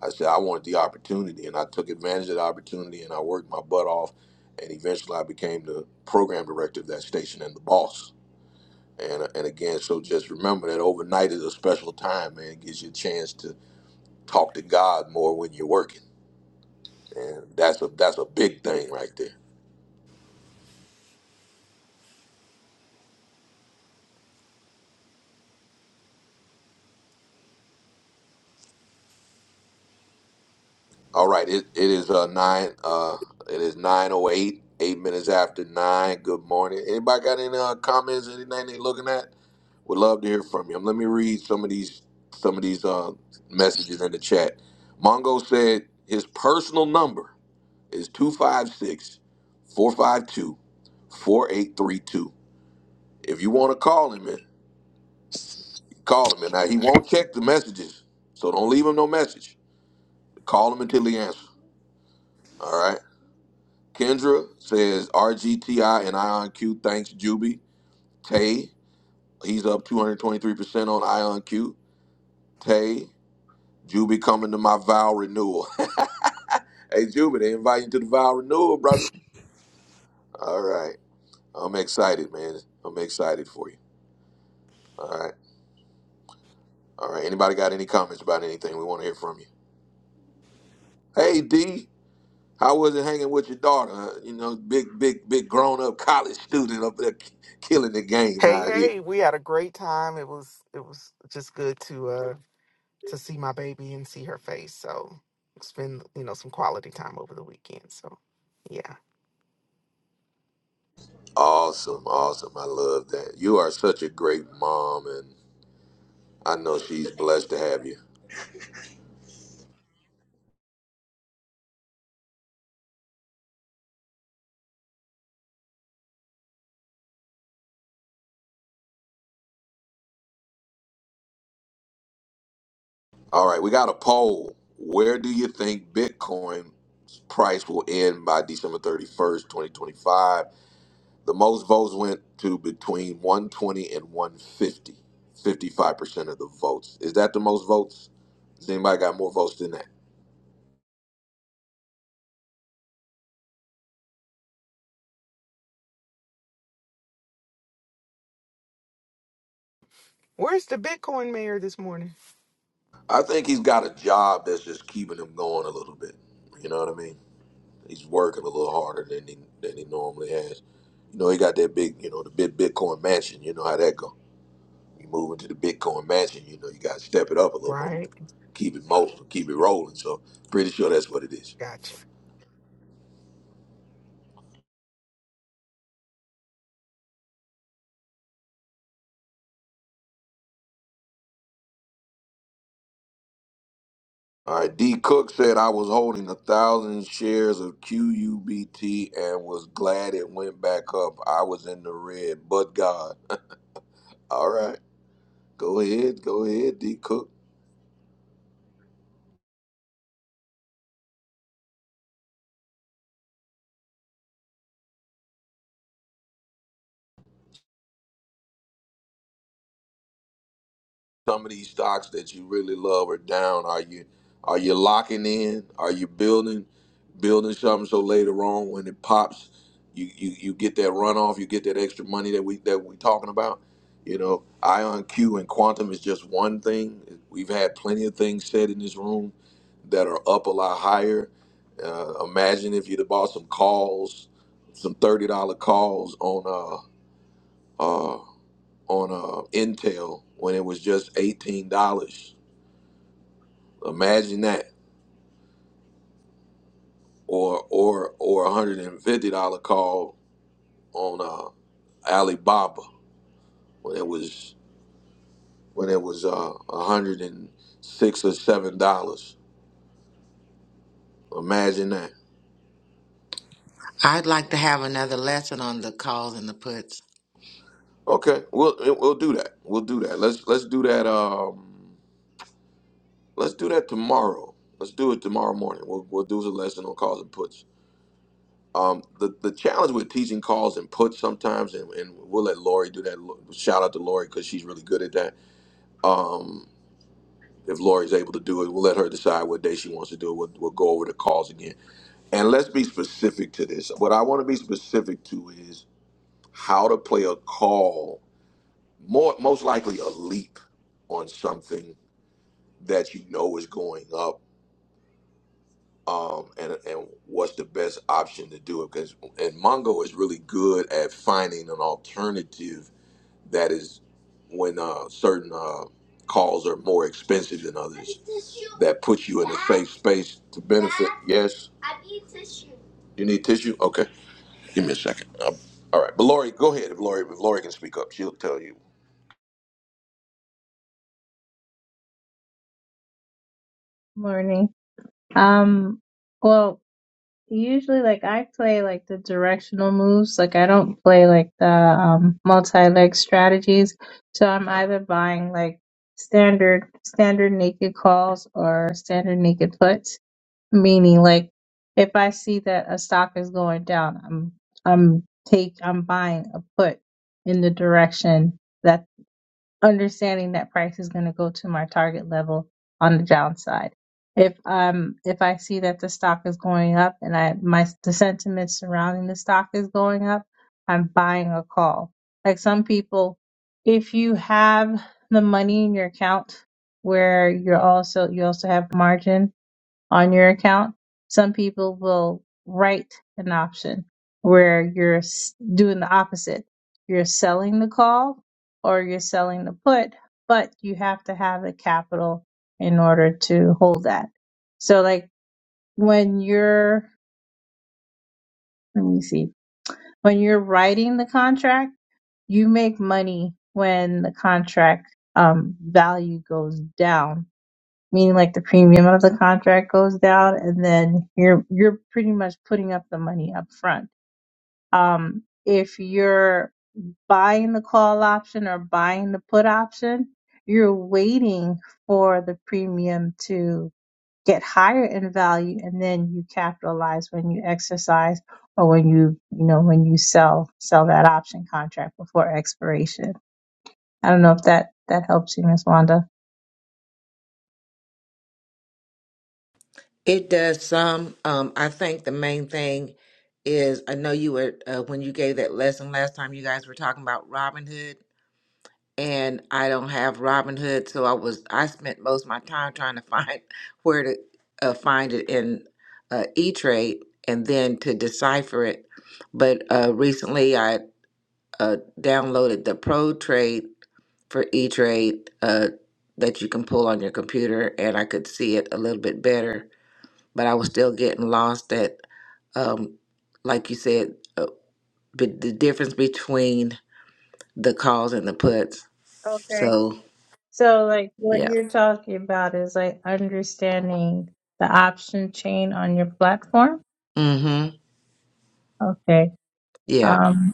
I said, I wanted the opportunity, and I took advantage of the opportunity, and I worked my butt off. And eventually, I became the program director of that station and the boss. And, and again, so just remember that overnight is a special time, man. It gives you a chance to talk to God more when you're working. And that's a that's a big thing right there. All right, it, it is uh nine uh it is nine oh eight, eight minutes after nine. Good morning. Anybody got any uh, comments, anything they looking at? Would love to hear from you. Um, Let me read some of these some of these uh, messages in the chat. Mongo said his personal number is two five six four five two four eight three two. If you want to call him in, call him in. Now he won't check the messages, so don't leave him no message. Call him until he answers. All right. Kendra says RGTI and IonQ thanks Juby. Tay, he's up 223% on IonQ. Tay, Juby coming to my vow renewal. Hey, Juba, they invite you to the vow renewal, brother. All right. I'm excited, man. I'm excited for you. All right. All right. Anybody got any comments about anything? We want to hear from you. Hey, D, how was it hanging with your daughter? Uh, You know, big, big, big grown up college student up there ki- killing the game Hey, out here. hey, we had a great time. It was it was just good to uh to see my baby and see her face. So it's been, you know, some quality time over the weekend. So yeah. Awesome. Awesome. I love that. You are such a great mom, and I know she's blessed to have you. All right, we got a poll. Where do you think Bitcoin price will end by December 31st, 2025? The most votes went to between 120 and 150. 55% of the votes. Is that the most votes? Has anybody got more votes than that? Where's the Bitcoin mayor this morning? I think he's got a job that's just keeping him going a little bit. You know what I mean? He's working a little harder than he than he normally has. You know, he got that big, you know, the big Bitcoin mansion. You know how that go. You move into the Bitcoin mansion, you know, you gotta step it up a little more. Right. Keep it mo keep it rolling. So pretty sure that's what it is. Gotcha. All right, D Cook said I was holding a thousand shares of QUBT and was glad it went back up. I was in the red, but God. All right. Go ahead, go ahead, D Cook. some of these stocks that you really love are down. Are you are you locking in? Are you building building something so later on when it pops, you you, you get that runoff, you get that extra money that we that we talking about. You know, IonQ and Quantum is just one thing. We've had plenty of things said in this room that are up a lot higher. Uh, imagine if you'd have bought some calls, some thirty dollar calls on uh, uh, on uh, Intel when it was just eighteen dollars. Imagine that, or or or a hundred and fifty dollar call on uh, Alibaba when it was when it was uh, a hundred and six or seven dollars. Imagine that. I'd like to have another lesson on the calls and the puts. Okay, we'll we'll do that. We'll do that. Let's let's do that. Um, let's do that tomorrow. Let's do it tomorrow morning. We'll we'll do the lesson on calls and puts. Um, the the challenge with teaching calls and puts sometimes, and, and we'll let Lori do that. Shout out to Lori because she's really good at that. Um, if Lori's able to do it, we'll let her decide what day she wants to do it. We'll, we'll go over the calls again. And let's be specific to this. What I want to be specific to is how to play a call, more most likely a leap on something that you know is going up um, and and what's the best option to do it because and Mongo is really good at finding an alternative that is when uh, certain uh, calls are more expensive than others that puts you in a safe space to benefit. Yes, you need tissue. Okay, give me a second. Um, all right, but Lori, go ahead. If Lori, if Lori can speak up, she'll tell you. Morning. Um, well, usually like I play like the directional moves. Like I don't play like the um multi-leg strategies. So I'm either buying like standard standard naked calls or standard naked puts, meaning like if I see that a stock is going down, I'm I'm take I'm buying a put in the direction that understanding that price is going to go to my target level on the downside. If um if I see that the stock is going up and I my the sentiment surrounding the stock is going up, I'm buying a call. Like some people, if you have the money in your account where you're also you also have margin, on your account, some people will write an option where you're s- doing the opposite. You're selling the call or you're selling the put, but you have to have the capital in order to hold that. So like when you're, let me see, when you're writing the contract, you make money when the contract um, value goes down meaning like the premium of the contract goes down and then you're you're pretty much putting up the money up front um if you're buying the call option or buying the put option you're waiting for the premium to get higher in value and then you capitalize when you exercise or when you you know when you sell sell that option contract before expiration i don't know if that that helps you miss wanda It does some. Um, I think the main thing is I know you were uh, when you gave that lesson last time. You guys were talking about Robin Hood, and I don't have Robin Hood, so I was I spent most of my time trying to find where to uh, find it in uh, E Trade, and then to decipher it. But uh, recently, I uh, downloaded the Pro Trade for E Trade uh, that you can pull on your computer, and I could see it a little bit better but I was still getting lost at, um, like you said, uh, but the difference between the calls and the puts. So So, like, what yeah, you're talking about is like understanding the option chain on your platform. mm-hmm, Okay. yeah, um,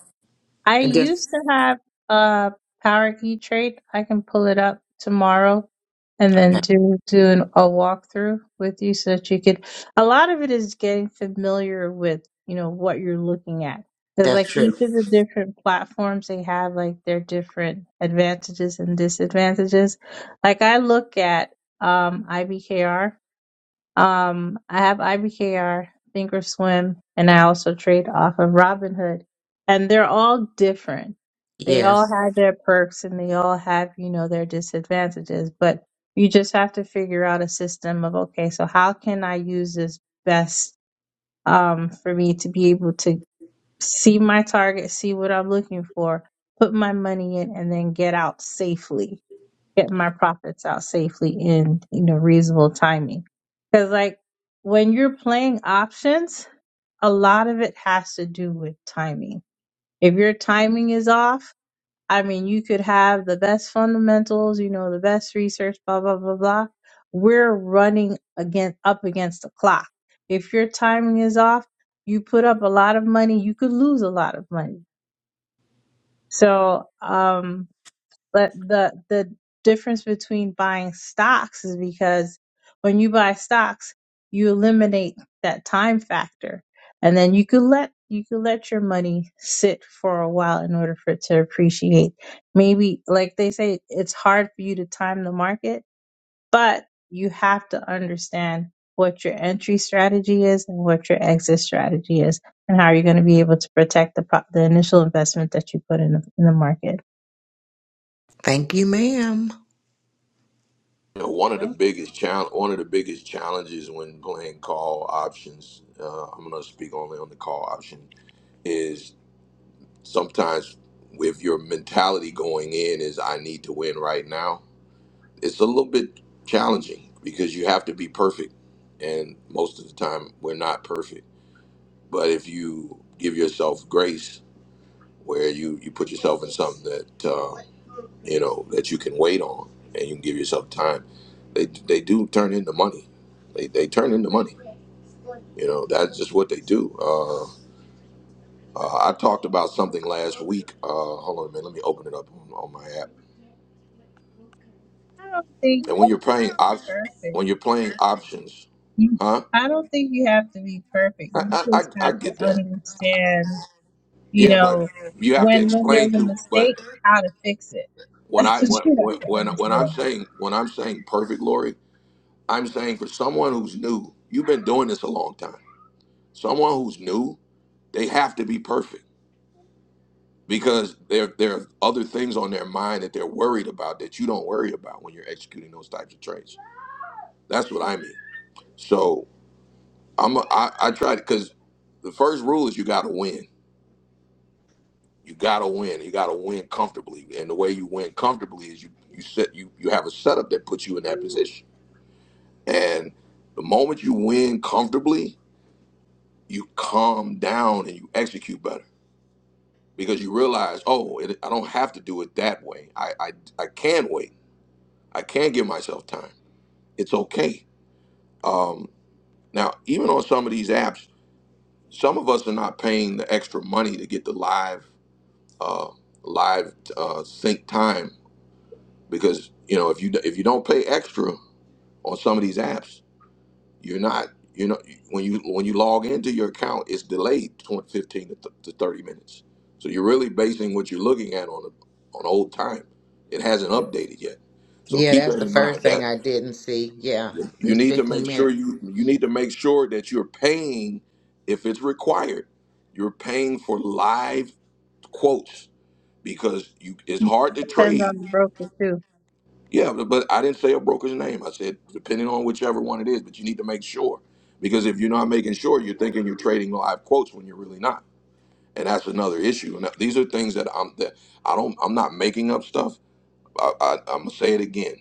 I and just used to have a power key trade. I can pull it up tomorrow and then okay, do do an, a walkthrough with you so that you could. A lot of it is getting familiar with you know what you're looking at because that's like each true. of the different platforms they have like their different advantages and disadvantages. Like I look at um IBKR um, I have IBKR, Thinkorswim, and I also trade off of Robinhood. And they're all different. They all Yes, have their perks and they all have, you know, their disadvantages. But you just have to figure out a system of, okay, so how can I use this best um, for me to be able to see my target, see what I'm looking for, put my money in, and then get out safely get my profits out safely in you know reasonable timing because like when you're playing options a lot of it has to do with timing if your timing is off i mean you could have the best fundamentals you know the best research blah blah blah blah we're running again up against the clock if your timing is off you put up a lot of money you could lose a lot of money so um but the the difference between buying stocks is because when you buy stocks, you eliminate that time factor, and then you could let you could let your money sit for a while in order for it to appreciate. Maybe like they say, it's hard for you to time the market, but you have to understand what your entry strategy is and what your exit strategy is, and how you're going to be able to protect the pro- the initial investment that you put in the, in the market. thank you, ma'am. You know, one of the biggest challenge, one of the biggest challenges when playing call options. Uh, I'm going to speak only on the call option is sometimes with your mentality going in is I need to win right now, it's a little bit challenging because you have to be perfect. And most of the time we're not perfect. But if you give yourself grace where you, you put yourself in something that uh, you know that you can wait on and you can give yourself time, they, they do turn into money. They, they turn into money. You know, that's just what they do. Uh, uh, I talked about something last week. Uh, hold on a minute. Let me open it up on, on my app. I don't think And you when have you're to playing be op- perfect. when you're playing options, You, huh? I don't think you have to be perfect. I, You I I just I have to get that. understand, you Yeah, but know, you have to when when explain there's a to. But mistake, how to fix it. when That's I what when you have when to when when I'm understand. saying when I'm saying perfect Lori, I'm saying for someone who's new, you've been doing this a long time. Someone who's new, they have to be perfect because there there are other things on their mind that they're worried about that you don't worry about when you're executing those types of trades. That's what I mean. So I'm a, I, I try to because the first rule is you got to win. You gotta win. You gotta win comfortably. And the way you win comfortably is you you set you you have a setup that puts you in that position. And the moment you win comfortably, you calm down and you execute better because you realize, oh, it, I don't have to do it that way. I I, I can wait. I can give myself time. It's okay. Um, now, even on some of these apps, some of us are not paying the extra money to get the live uh, live uh, sync time because you know if you if you don't pay extra on some of these apps you're not you know when you when you log into your account it's delayed 20, 15 to, th- to 30 minutes so you're really basing what you're looking at on on old time it hasn't updated yet so Yeah, keep that's that the in first mind thing that I didn't see. Yeah, it you was need to 15 make sure minutes, you you need to make sure that you're paying if it's required you're paying for live quotes because you it's hard to Depends trade on the broker too. Yeah, but but I didn't say a broker's name. I said depending on whichever one it is, but you need to make sure because if you're not making sure, you're thinking you're trading live quotes when you're really not, and that's another issue. And that- these are things that I'm that I don't I'm not making up stuff. I, I, I'm gonna say it again.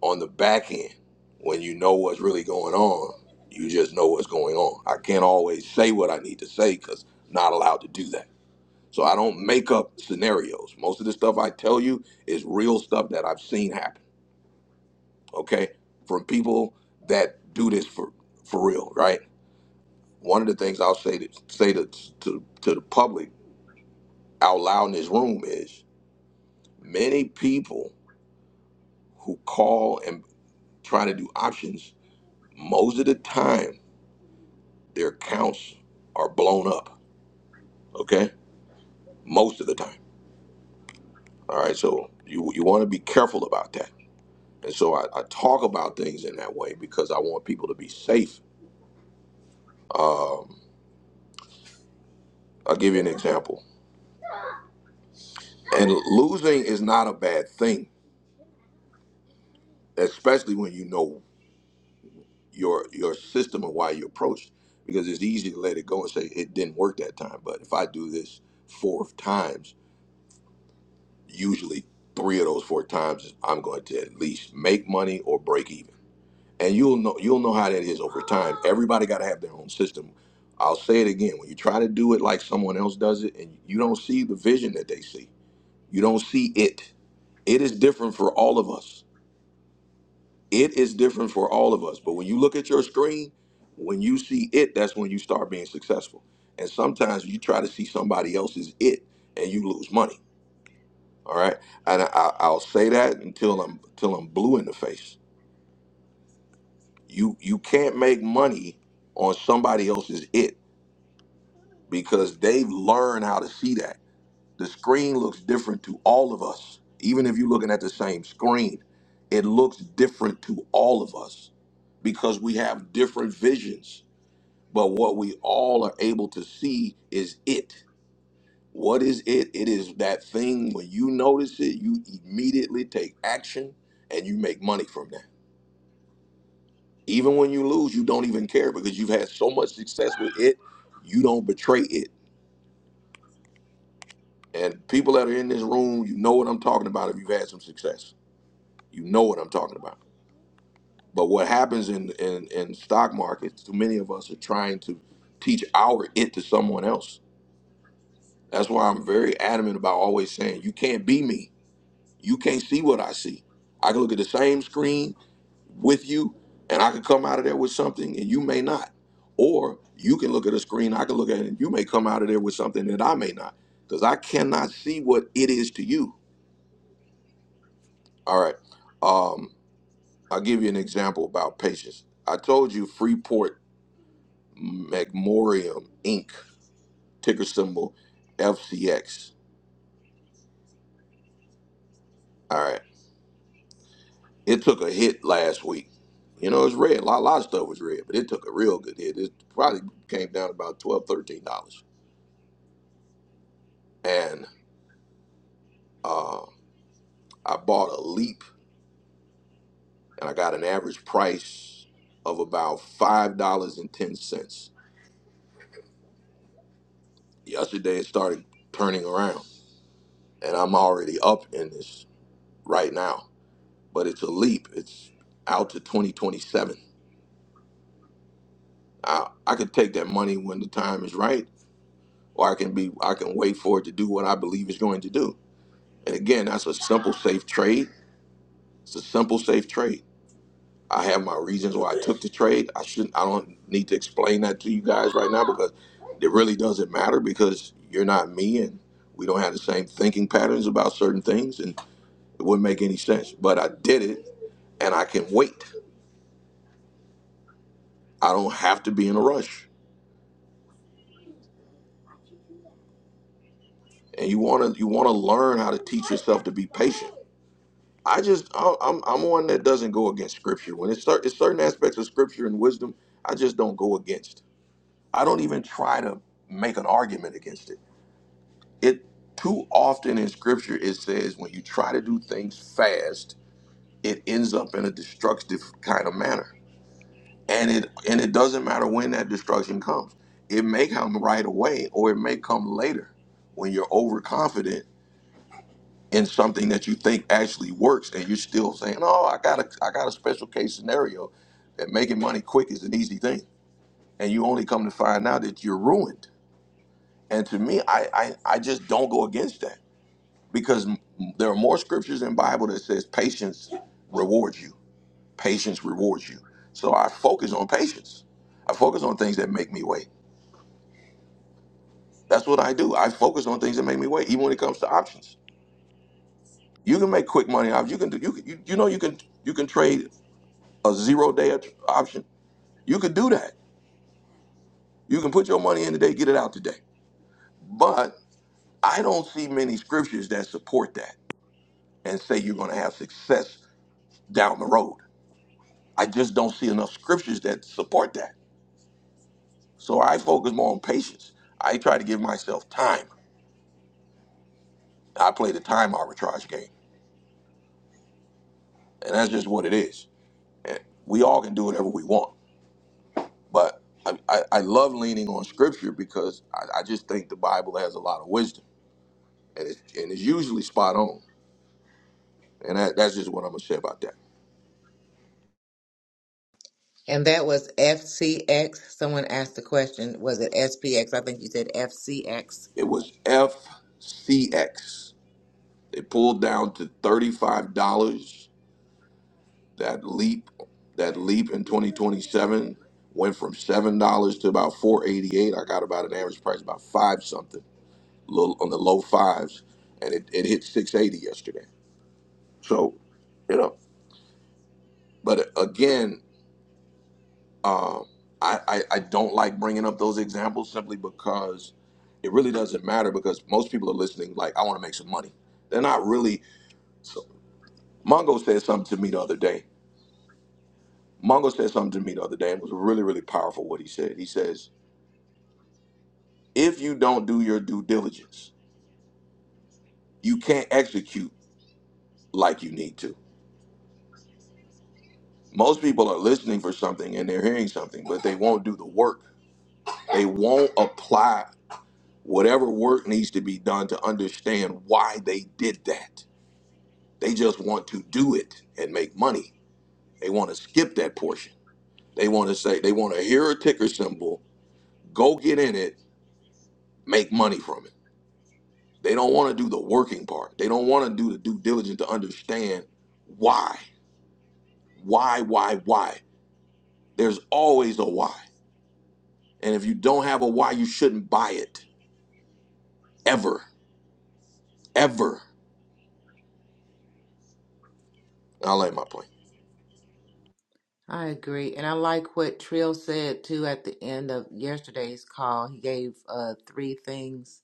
On the back end, when you know what's really going on, you just know what's going on. I can't always say what I need to say because I'm not allowed to do that. So I don't make up scenarios. Most of the stuff I tell you is real stuff that I've seen happen okay, from people that do this for for real, right? One of the things I'll say to say to to, to the public out loud in this room is many people who call and try to do options, most of the time their accounts are blown up, okay? Most of the time. All right, so you you want to be careful about that. And so I, I talk about things in that way because I want people to be safe. Um, I'll give you an example. And losing is not a bad thing, especially when you know your your system and why you approach. Because it's easy to let it go and say it didn't work that time. But if I do this four times, usually three of those four times, I'm going to at least make money or break even. And you'll know you'll know how that is over time. Everybody got to have their own system. I'll say it again: when you try to do it like someone else does it, and you don't see the vision that they see, you don't see it. It is different for all of us It is different for all of us. But when you look at your screen, when you see it, that's when you start being successful. And sometimes you try to see somebody else's it and you lose money. All right. And I, I- I'll say that until I'm until I'm blue in the face. You you can't make money on somebody else's it because they've learned how to see that. The screen looks different to all of us. Even if you're looking at the same screen, it looks different to all of us because we have different visions But what we all are able to see is it. What is it? It is that thing when you notice it, you immediately take action and you make money from that. Even when you lose, you don't even care because you've had so much success with it, you don't betray it. And people that are in this room, you know what I'm talking about if you've had some success. You know what I'm talking about. But what happens in, in, in stock markets, too many of us are trying to teach our it to someone else That's why I'm very adamant about always saying, you can't be me. You can't see what I see. I can look at the same screen with you and I can come out of there with something and you may not. Or you can look at a screen, I can look at it, and you may come out of there with something that I may not. Because I cannot see what it is to you. All right. Um, I'll give you an example about patience. I told you Freeport McMorium Inc., ticker symbol FCX. All right. It took a hit last week. You know, it's red. A lot, a lot of stuff was red, but it took a real good hit. It probably came down about twelve, thirteen dollars dollars And uh, I bought a leap and I got an average price of about $5.10. Yesterday it started turning around and I'm already up in this right now. But it's a leap. It's out to 2027. I, I could take that money when the time is right, or I can be I can wait for it to do what I believe it's going to do And again, that's a simple, safe trade. It's a simple, safe trade. I have my reasons why I took the trade. I shouldn't. I don't need to explain that to you guys right now because it really doesn't matter because you're not me and we don't have the same thinking patterns about certain things and it wouldn't make any sense. But I did it and I can wait. I don't have to be in a rush. And you wanna you wanna learn how to teach yourself to be patient. I just I- I'm I'm one that doesn't go against scripture when it's, cer- it's certain aspects of scripture and wisdom I just don't go against. I don't even try to make an argument against it. It too often in scripture it says when you try to do things fast, it ends up in a destructive kind of manner. And it and it doesn't matter when that destruction comes. It may come right away or it may come later when you're overconfident in something that you think actually works and you're still saying, "Oh, I got a I got a special case scenario that making money quick is an easy thing." And you only come to find out that you're ruined And to me, I, I, I just don't go against that because m- there are more scriptures in Bible that says patience rewards you. Patience rewards you. So I focus on patience. I focus on things that make me wait. That's what I do. I focus on things that make me wait, even when it comes to options. You can make quick money off. You can do. You, can- you you know you can you can trade a zero day at- option. You can do that. You can put your money in today, get it out today. But I don't see many scriptures that support that and say you're going to have success down the road. I just don't see enough scriptures that support that. So I focus more on patience. I try to give myself time. I play the time arbitrage game, and that's just what it is. We all can do whatever we want, but I, I, I love leaning on scripture because I, I just think the Bible has a lot of wisdom, and it's, and it's usually spot on. And that, that's just what I'm gonna say about that. and that was FCX. Someone asked the question, was it SPX? I think you said FCX It was FCX. They pulled down to thirty five dollars that leap that leap in 2027 went from seven dollars to about 488 i got about an average price about five something little on the low fives and it, it hit 680 yesterday so you know but again um, I, I i don't like bringing up those examples simply because it really doesn't matter because most people are listening like i want to make some money they're not really so, mongo said something to me the other day mongo said something to me the other day and it was really really powerful what he said he says if you don't do your due diligence, you can't execute like you need to. Most people are listening for something and they're hearing something, but they won't do the work. They won't apply whatever work needs to be done to understand why they did that. They just want to do it and make money. They want to skip that portion. They want to say, they want to hear a ticker symbol, go get in it, make money from it. They don't want to do the working part. They don't want to do the due diligence to understand why. Why, why, why? There's always a why. And if you don't have a why, you shouldn't buy it. Ever. Ever. I'll lay my point. I agree. And I like what Trill said too at the end of yesterday's call. He gave uh, three things.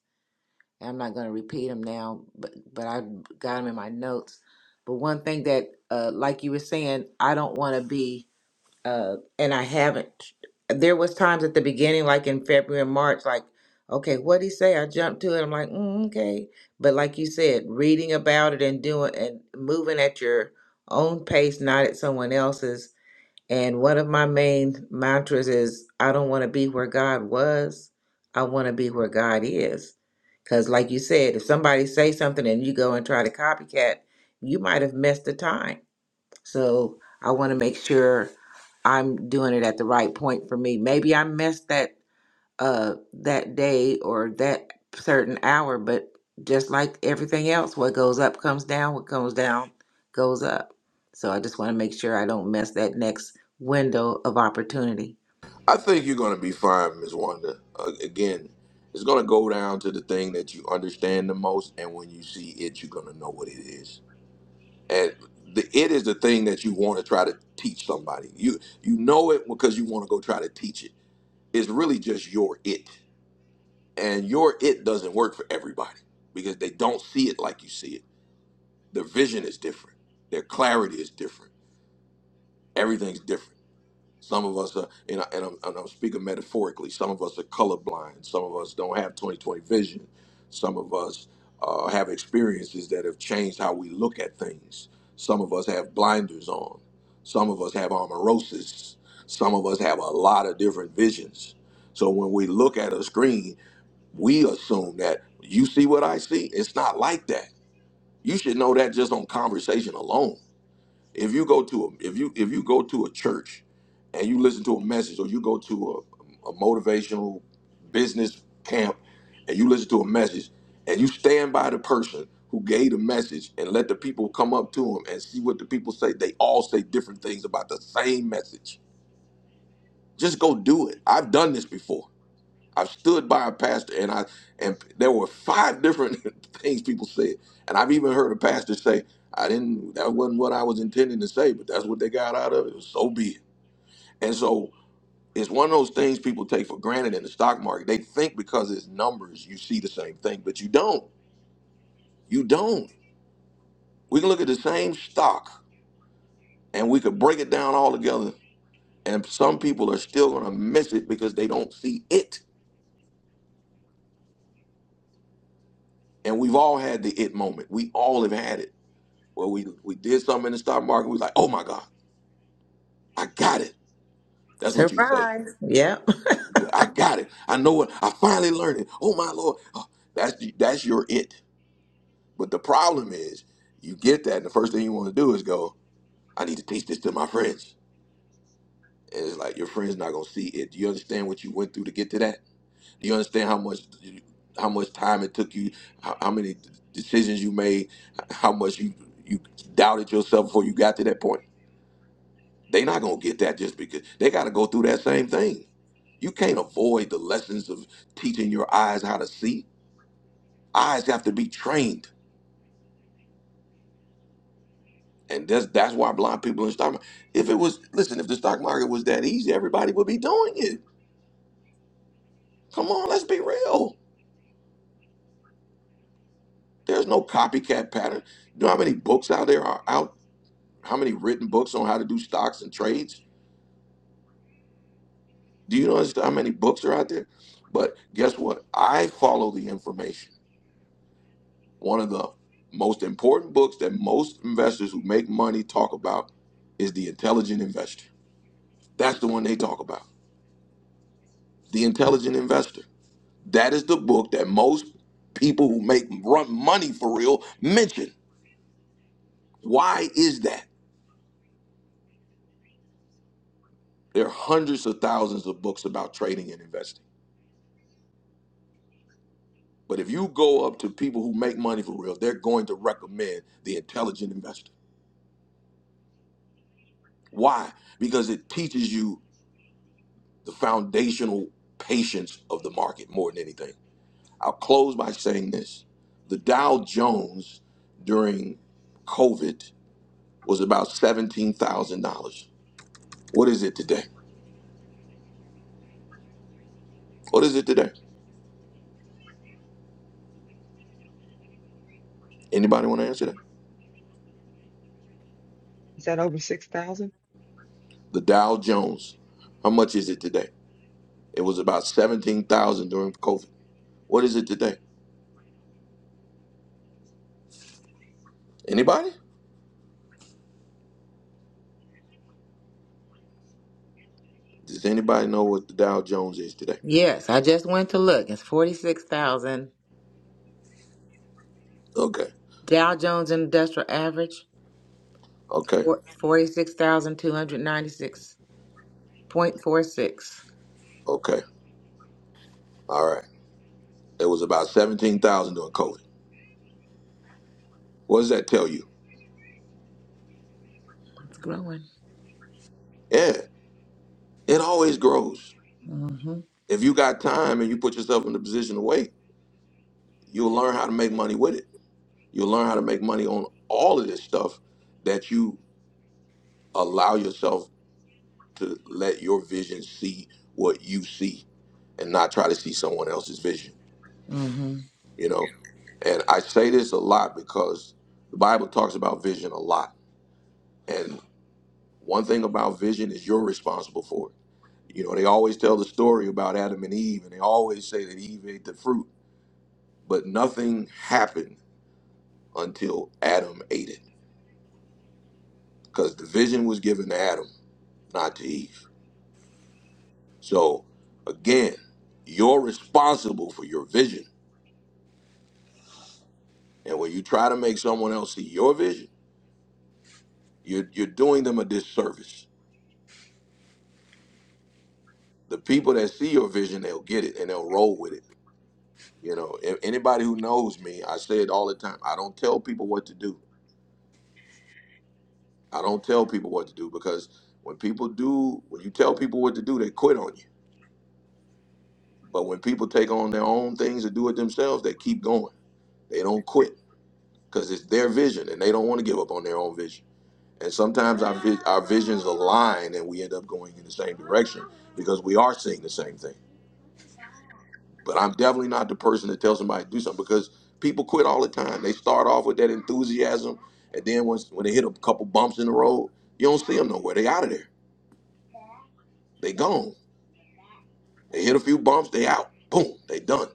and I'm not going to repeat them now, but, but I got them in my notes. But one thing that, uh, like you were saying, I don't want to be, uh, and I haven't. There was times at the beginning, like in February and March, like, okay, what would he say? I jumped to it. I'm like, mm, okay. But like you said, reading about it and doing and moving at your own pace, not at someone else's and one of my main mantras is I don't want to be where God was. I want to be where God is. Cuz like you said, if somebody say something and you go and try to copycat, you might have missed the time. So I want to make sure I'm doing it at the right point for me. Maybe I missed that uh that day or that certain hour but just like everything else what goes up comes down what comes down goes up so i just want to make sure i don't miss that next window of opportunity I think you're going to be fine, Ms. Wanda. Uh, again, it's going to go down to the thing that you understand the most. And when you see it, you're going to know what it is. And the, it is the thing that you want to try to teach somebody. You, you know it because you want to go try to teach it. It's really just your it. And your it doesn't work for everybody because they don't see it like you see it The vision is different. Their clarity is different. Everything's different. Some of us are, and, I, and, I'm, and I'm speaking metaphorically, some of us are colorblind. Some of us don't have twenty-twenty vision. Some of us uh, have experiences that have changed how we look at things. Some of us have blinders on. Some of us have amaurosis. Some of us have a lot of different visions. So when we look at a screen, we assume that you see what I see. It's not like that. You should know that just on conversation alone if you go to a if you if you go to a church and you listen to a message or you go to a, a motivational business camp and you listen to a message and you stand by the person who gave the message and let the people come up to him and see what the people say, they all say different things about the same message. Just go do it. I've done this before. I've stood by a pastor and I and there were five different things people said. And I've even heard a pastor say, I didn't that wasn't what I was intending to say, but that's what they got out of it. So be it. And so it's one of those things people take for granted in the stock market. They think because it's numbers, you see the same thing, but you don't. You don't. We can look at the same stock and we could break it down all together. And some people are still gonna miss it because they don't see it. And we've all had the it moment. We all have had it Well, we we did something in the stock market. We was like, oh my God, I got it. That's what you say. surprise yep You say, I got it. I know it. I finally learned it. Oh my Lord. Oh, that's that's your it. But the problem is, you get that, and the first thing you want to do is go, I need to teach this to my friends. And it's like your friends not gonna see it. Do you understand what you went through to get to that? Do you understand how much how much time it took you, how, how many decisions you made, how much you you doubted yourself before you got to that point? They not gonna get that just because they gotta go through that same thing. You can't avoid the lessons of teaching your eyes how to see. Eyes have to be trained. And that's that's why blind people in the stock market. If it was listen, if the stock market was that easy, everybody would be doing it. Come on, let's be real. There's no copycat pattern. You know how many books out there are out? How many written books on how to do stocks and trades? Do you know how many books are out there? But guess what? I follow the information. One of the most important books that most investors who make money talk about is The Intelligent Investor. That's the one they talk about. The Intelligent Investor. That is the book that most people who make run money for real mention. Why is that? There are hundreds of thousands of books about trading and investing. But if you go up to people who make money for real, they're going to recommend The Intelligent Investor. Why? Because it teaches you the foundational patience of the market more than anything I'll close by saying this. The Dow Jones during COVID was about $17,000. What is it today? What is it today? Anybody want to answer that? Is that over 6,000? The Dow Jones, how much is it today? It was about 17,000 during COVID. What is it today? Anybody? Does anybody know what the Dow Jones is today? yes i just went to look it's 46000 Okay. dow jones industrial average Okay. four forty-six thousand two hundred ninety-six point four six. Okay. All right. It was about 17,000 during COVID. What does that tell you? it's growing Yeah, it always grows. Mm mhm If you got time and you put yourself in the position to wait, you'll learn how to make money with it. You'll learn how to make money on all of this stuff that you allow yourself to let your vision see what you see and not try to see someone else's vision, mhm you know? And I say this a lot because the Bible talks about vision a lot. And one thing about vision is you're responsible for it. You know, they always tell the story about Adam and Eve and they always say that Eve ate the fruit, but nothing happened until Adam ate it, because the vision was given to Adam, not to Eve. So, again, you're responsible for your vision, and when you try to make someone else see your vision, you're you're doing them a disservice. The people that see your vision, they'll get it and they'll roll with it. You know, a- anybody who knows me, I say it all the time. I don't tell people what to do. I don't tell people what to do because when people do, when you tell people what to do, they quit on you. But when people take on their own things and do it themselves, they keep going They don't quit because it's their vision and they don't want to give up on their own vision. And sometimes our, vi- our visions align and we end up going in the same direction because we are seeing the same thing. But I'm definitely not the person that tells somebody to do something because people quit all the time. They start off with that enthusiasm and then once when they hit a couple bumps in the road, you don't see them nowhere. They out of there. They gone. They hit a few bumps, they out. Boom, they done.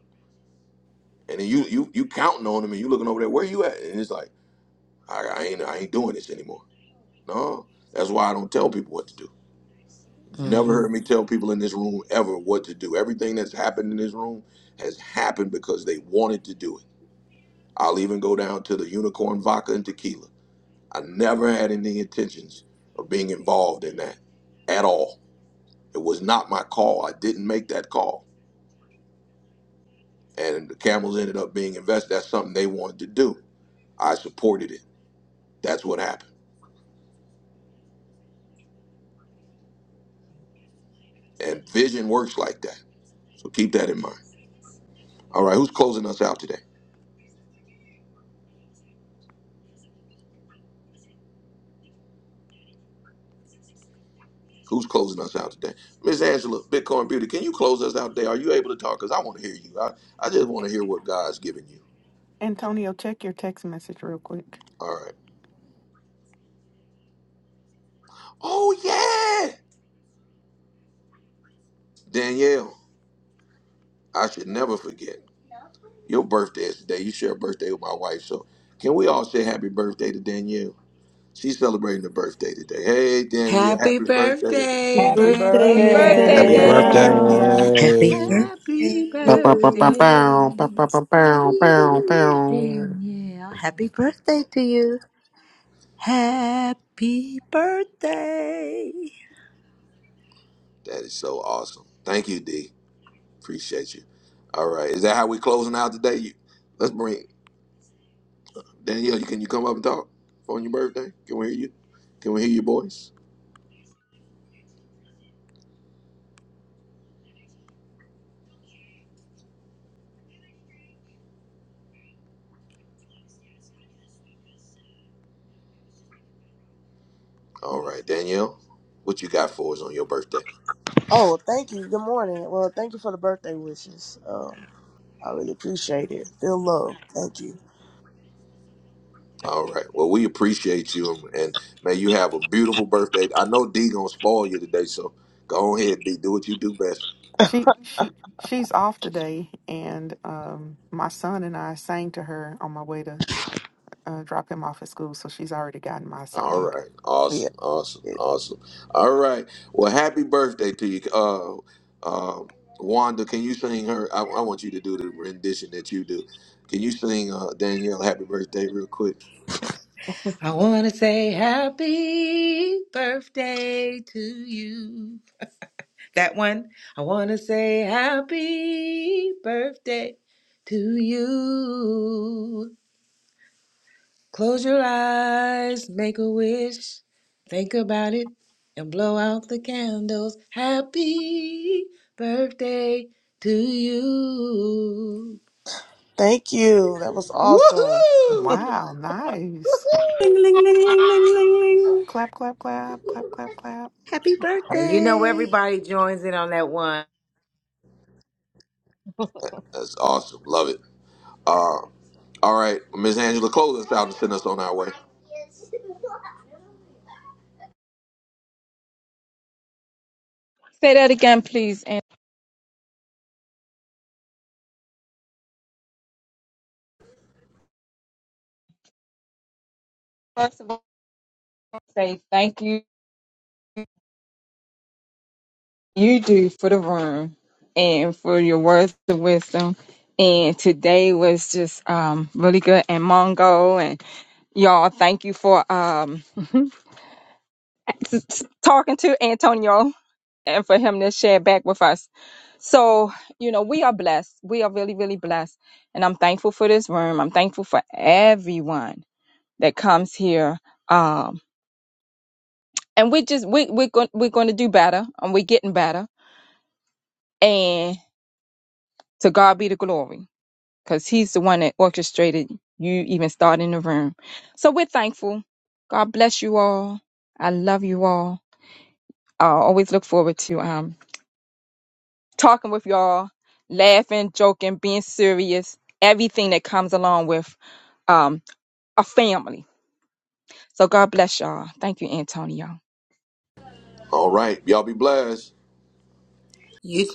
And then you you you counting on them and you looking over there, where you at? And it's like, I, I ain't I ain't doing this anymore. No, that's why I don't tell people what to do. You've mhm never heard me tell people in this room ever what to do. Everything that's happened in this room has happened because they wanted to do it. I'll even go down to the unicorn vodka and tequila. I never had any intentions of being involved in that at all. It was not my call. I didn't make that call. And the camels ended up being invested. That's something they wanted to do. I supported it. That's what happened. And vision works like that. So keep that in mind. All right, who's closing us out today? Who's closing us out today? Miss Angela, Bitcoin Beauty, can you close us out today? Are you able to talk? Because I want to hear you. I, I just want to hear what God's giving you. Antonio, check your text message real quick. All right. Oh, yeah. Danielle, I should never forget. Your birthday is today. You share a birthday with my wife. So can we all say happy birthday to Danielle? She's celebrating her birthday today. Hey, Danielle, Happy happy birthday. birthday, Happy Happy happy birthday, Happy Miss Happy birthday, And birthday, Happy Danielle. Happy Dan. birthday. birthday, Danielle. Danielle. Saturday. Danielle. Happy birthday. Happy Bow, bow, bow, bow, birthday. bow, bow, bow, birthday. bow, bow, bow. Danielle. Happy birthday to you. Happy birthday. That is so awesome. Thank you, D. Appreciate you. All right. Is that how we closing out today? You, let's bring Danielle, you can you come up and talk on your birthday? Can we hear you? Can we hear your voice? All right, Danielle, what you got for us on your birthday? Oh, thank you. Good morning. Well, thank you for the birthday wishes. Um, I really appreciate it. Feel love. Thank you. All right. Well, we appreciate you, and, and may you have a beautiful birthday. I know D gonna spoil you today, so go on ahead, D. Do what you do best. She she she's off today and um my son and I sang to her on my way to uh, drop him off at school, so she's already gotten my All song. right. Yeah. Awesome. Awesome. yeah. Awesome. All right. Well, happy birthday to you, uh, uh, Wanda. Can you sing her? I, I want you to do the rendition that you do. Can you sing uh, Danielle "Happy Birthday" real quick? I want to say happy birthday to you. That one. I want to say happy birthday to you. Close your eyes, make a wish, think about it, and blow out the candles. Happy birthday to you. Thank you. That was awesome. Wow, nice. Ling, ling, ling, ling, ling, ling, ling. Clap, clap, clap, clap, clap, clap. Happy And you know birthday! everybody joins in on that one. That's awesome. Love it. Uh, all right, Miss Angela, close us out and send us on our way. Say that again, please. And first of all, say thank you. You do for the room and for your words of wisdom. And today was just um, really good. And Mongo and y'all, thank you for um, talking to Antonio and for him to share back with us. So, you know, we are blessed. We are really, really blessed. And I'm thankful for this room. I'm thankful for everyone that comes here. Um, and we just we we're going we're going to do better and we're getting better and to god be the glory because he's the one that orchestrated you even starting the room so we're thankful god bless you all i love you all i always look forward to um talking with y'all laughing joking being serious everything that comes along with um a family So God bless y'all. Thank you, Antonio. All right, y'all be blessed. You